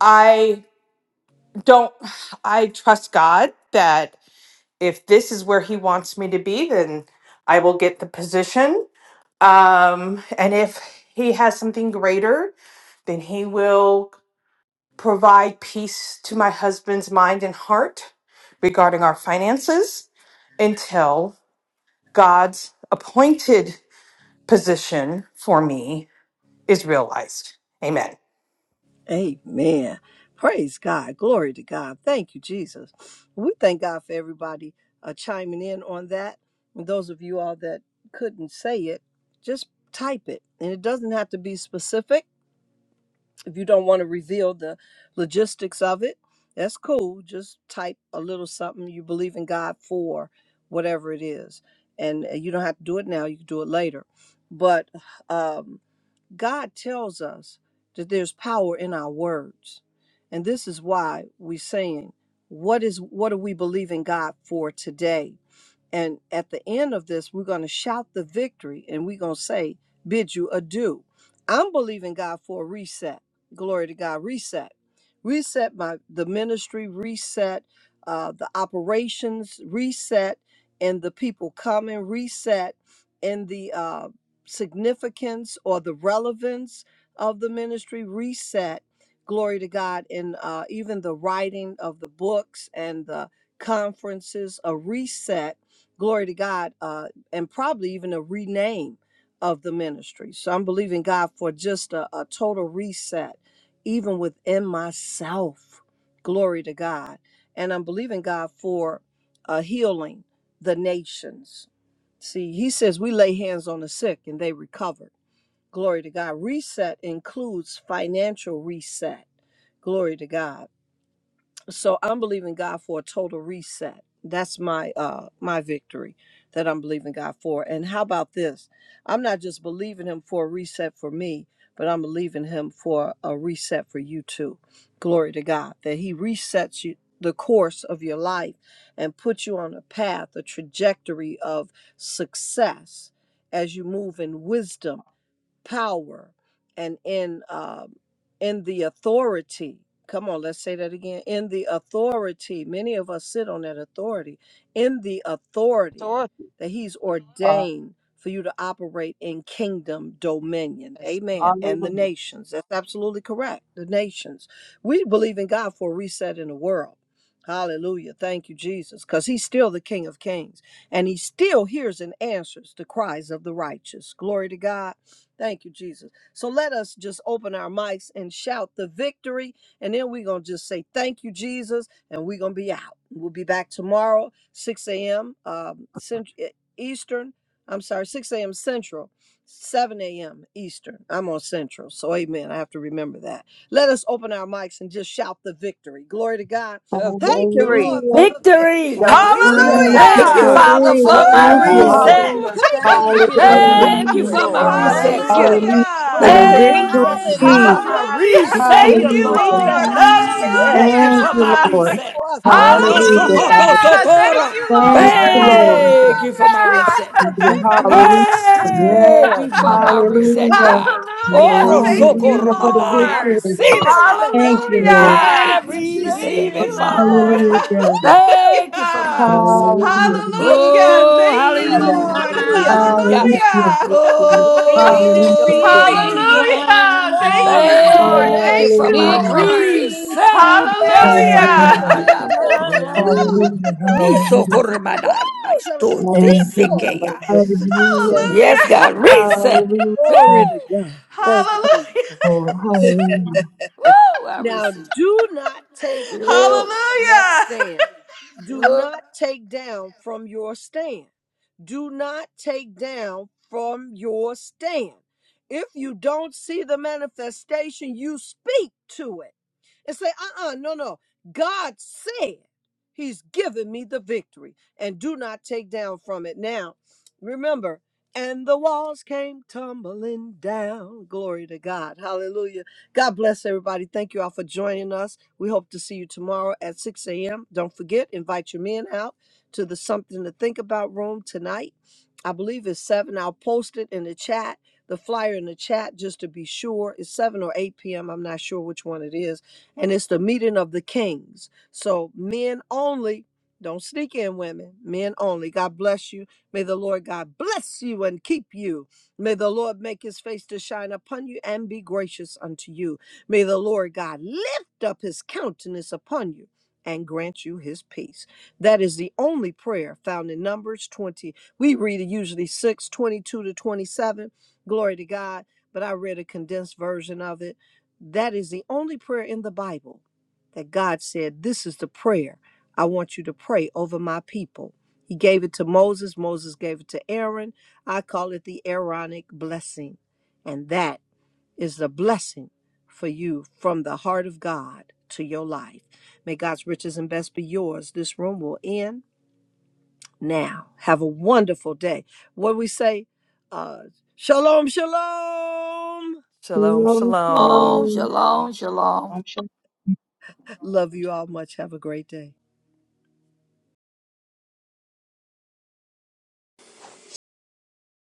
I don't I trust God that if this is where He wants me to be, then I will get the position. Um, and if He has something greater, then He will provide peace to my husband's mind and heart regarding our finances until God's appointed position for me is realized. Amen. Amen. Praise God. Glory to God. Thank you, Jesus. We thank God for everybody uh, chiming in on that. And those of you all that couldn't say it, just type it. And it doesn't have to be specific If you don't want to reveal the logistics of it, that's cool. Just type a little something you believe in God for, whatever it is. And uh, you don't have to do it now, you can do it later. But um, God tells us that there's power in our words. And this is why we're saying, what is what do we believe in God for today? And at the end of this, we're going to shout the victory and we're going to say, Bid you adieu. I'm believing God for a reset. Glory to God, reset. Reset my the ministry, reset uh, the operations, reset and the people coming, reset in the uh, significance or the relevance of the ministry, reset. Glory to God, and uh, even the writing of the books and the conferences, a reset glory to God, uh, and probably even a rename of the ministry. So I'm believing God for just a, a total reset, even within myself. Glory to God. And I'm believing God for uh, healing the nations. See, He says we lay hands on the sick and they recover. Glory to God. Reset includes financial reset. Glory to God so i'm believing god for a total reset that's my uh my victory that i'm believing god for and how about this i'm not just believing him for a reset for me but i'm believing him for a reset for you too glory to god that he resets you the course of your life and puts you on a path a trajectory of success as you move in wisdom power and in um, in the authority. Come on, let's say that again. In the authority, many of us sit on that authority. In the authority Authority that He's on ordained for you to operate in kingdom dominion. us. Amen. And the hallelujah nations. That's absolutely correct. The nations. We believe in God for a reset in the world. Hallelujah. Thank you, Jesus. Because He's still the King of Kings and He still hears and answers the cries of the righteous. Glory to God. Thank you, Jesus. So let us just open our mics and shout the victory. And then we're going to just say, Thank you, Jesus. And we're going to be out. We'll be back tomorrow, 6 a.m. Um, Cent- eh, Eastern. I'm sorry, 6 a.m. Central, 7 a.m. Eastern. I'm on Central. So, amen. I have to remember that. Let us open our mics and just shout the victory. Glory to God. the Thank you, victory Lord, for Hallelujah. the victory. the Victory! Thank you reset for Thank Hallelujah. the you, Thank you, reset. Hallelujah! Lord. Father, Thank Victory. you for for the my Thank you. Hallelujah. breakthrough. reset. Woo! Hallelujah. hallelujah (laughs) Thank you for Thank how you. you're the moving. Hallelujah. Thank Thank you you, victory for Thank my Lord. you for how you're reset, Thank hallelujah making you. a Father. Hallelujah way. for it's Thank the the Hallelujah. you Glory. for how you're reset Thank you victory. Ha- for Hallelujah. my separating. I Hallelujah. Thank (laughs) you Thank reset, for it's Thank you, how the you, Lord. you're Lord. Hallelujah. doing reset Lord. everything. Yes. Thank you Hallelujah. Thank for Extraordinary my you, Lord. movements reset. for us. Oro Thank you, Hallelujah, Hallelujah. sokoto Father. Lord Hallelujah. Jesus. Thank sokora. you, Thank Lord. you, Thank you, Lord. Jesus. Thank you Hallelujah. for my We Hallelujah. got reset. the Yeah, victory, hallelujah. God. Thank Yes. you for my Glory to (laughs) reset, God. Hallelujah. God. Hallelujah. Oro Thank Hallelujah. you, Hallelujah sokora for the (laughs) madai. I Lord. victory. Hallelujah. receive it, Glory to Father. Thank God. you, Lord. Thank Faith I Hallelujah. you, Jesus. Thank Hallelujah. receive is it, you, Father. Lord. (laughs) Hallelujah. mine. Woo! Thank you for my Hallelujah. reset. Hallelujah. Hallelujah. Hallelujah. Hallelujah. Oh, Thank you, Lord. Hallelujah. hallelujah. Hallelujah. Hallelujah. Glory to Hallelujah. your name, Glory Victory to is Jesus. your name. Hallelujah. mine. Thank you, Glory to your Lord. Thank name, you Thank for Jesus. you, my Mighty Hallelujah. AC, Lord. Victory glory reset. Yes, today Hallelujah. Hallelujah. Sakataya is to Porma. mine. God be Hallelujah. the glory. Niso Hallelujah. Koremanai. I Woo! Somebody AC, stote Thank you, Lord. glory. sekeya. (laughs) Hallelujah. Yes, Hallelujah. Hallelujah. God. Reset. Glory Hallelujah. to Woo! God. (laughs) Yes, Thank you, God. Jesus. Hallelujah. Lord. I receive it. Hallelujah. (laughs) Woo! I now, receive it. do not take (laughs) down Glory. from that Hallelujah. stand. Do Glory. not take down from your stand. Do not take down from your stand. If you don't see the manifestation, you speak to it and say, uh uh no, no. God said he's given me the victory and do not take down from it. Now, remember, and the walls came tumbling down. Glory to God. Hallelujah. God bless everybody. Thank you all for joining us. We hope to see you tomorrow at 6 a.m. Don't forget, invite your men out to the Something to Think About room tonight. I believe it's 7. I'll post it in the chat, the flyer in the chat, just to be sure. It's 7 or 8 p.m. I'm not sure which one it is and it's the meeting of the kings. So men only. Don't sneak in, women. Men only. God bless you. May the Lord God bless you and keep you. May the Lord make his face to shine upon you and be gracious unto you. May the Lord God lift up his countenance upon you and grant you his peace. That is the only prayer found in Numbers 20. We read it usually 6 22 to 27. Glory to God. But I read a condensed version of it that is the only prayer in the Bible that God said, This is the prayer I want you to pray over my people. He gave it to Moses. Moses gave it to Aaron. I call it the Aaronic blessing. And that is the blessing for you from the heart of God to your life. May God's riches and best be yours. This room will end now. Have a wonderful day. What we say, uh, shalom, shalom. Shalom, shalom. Shalom, Hallelujah. shalom, shalom. Love you all much. Have a great day.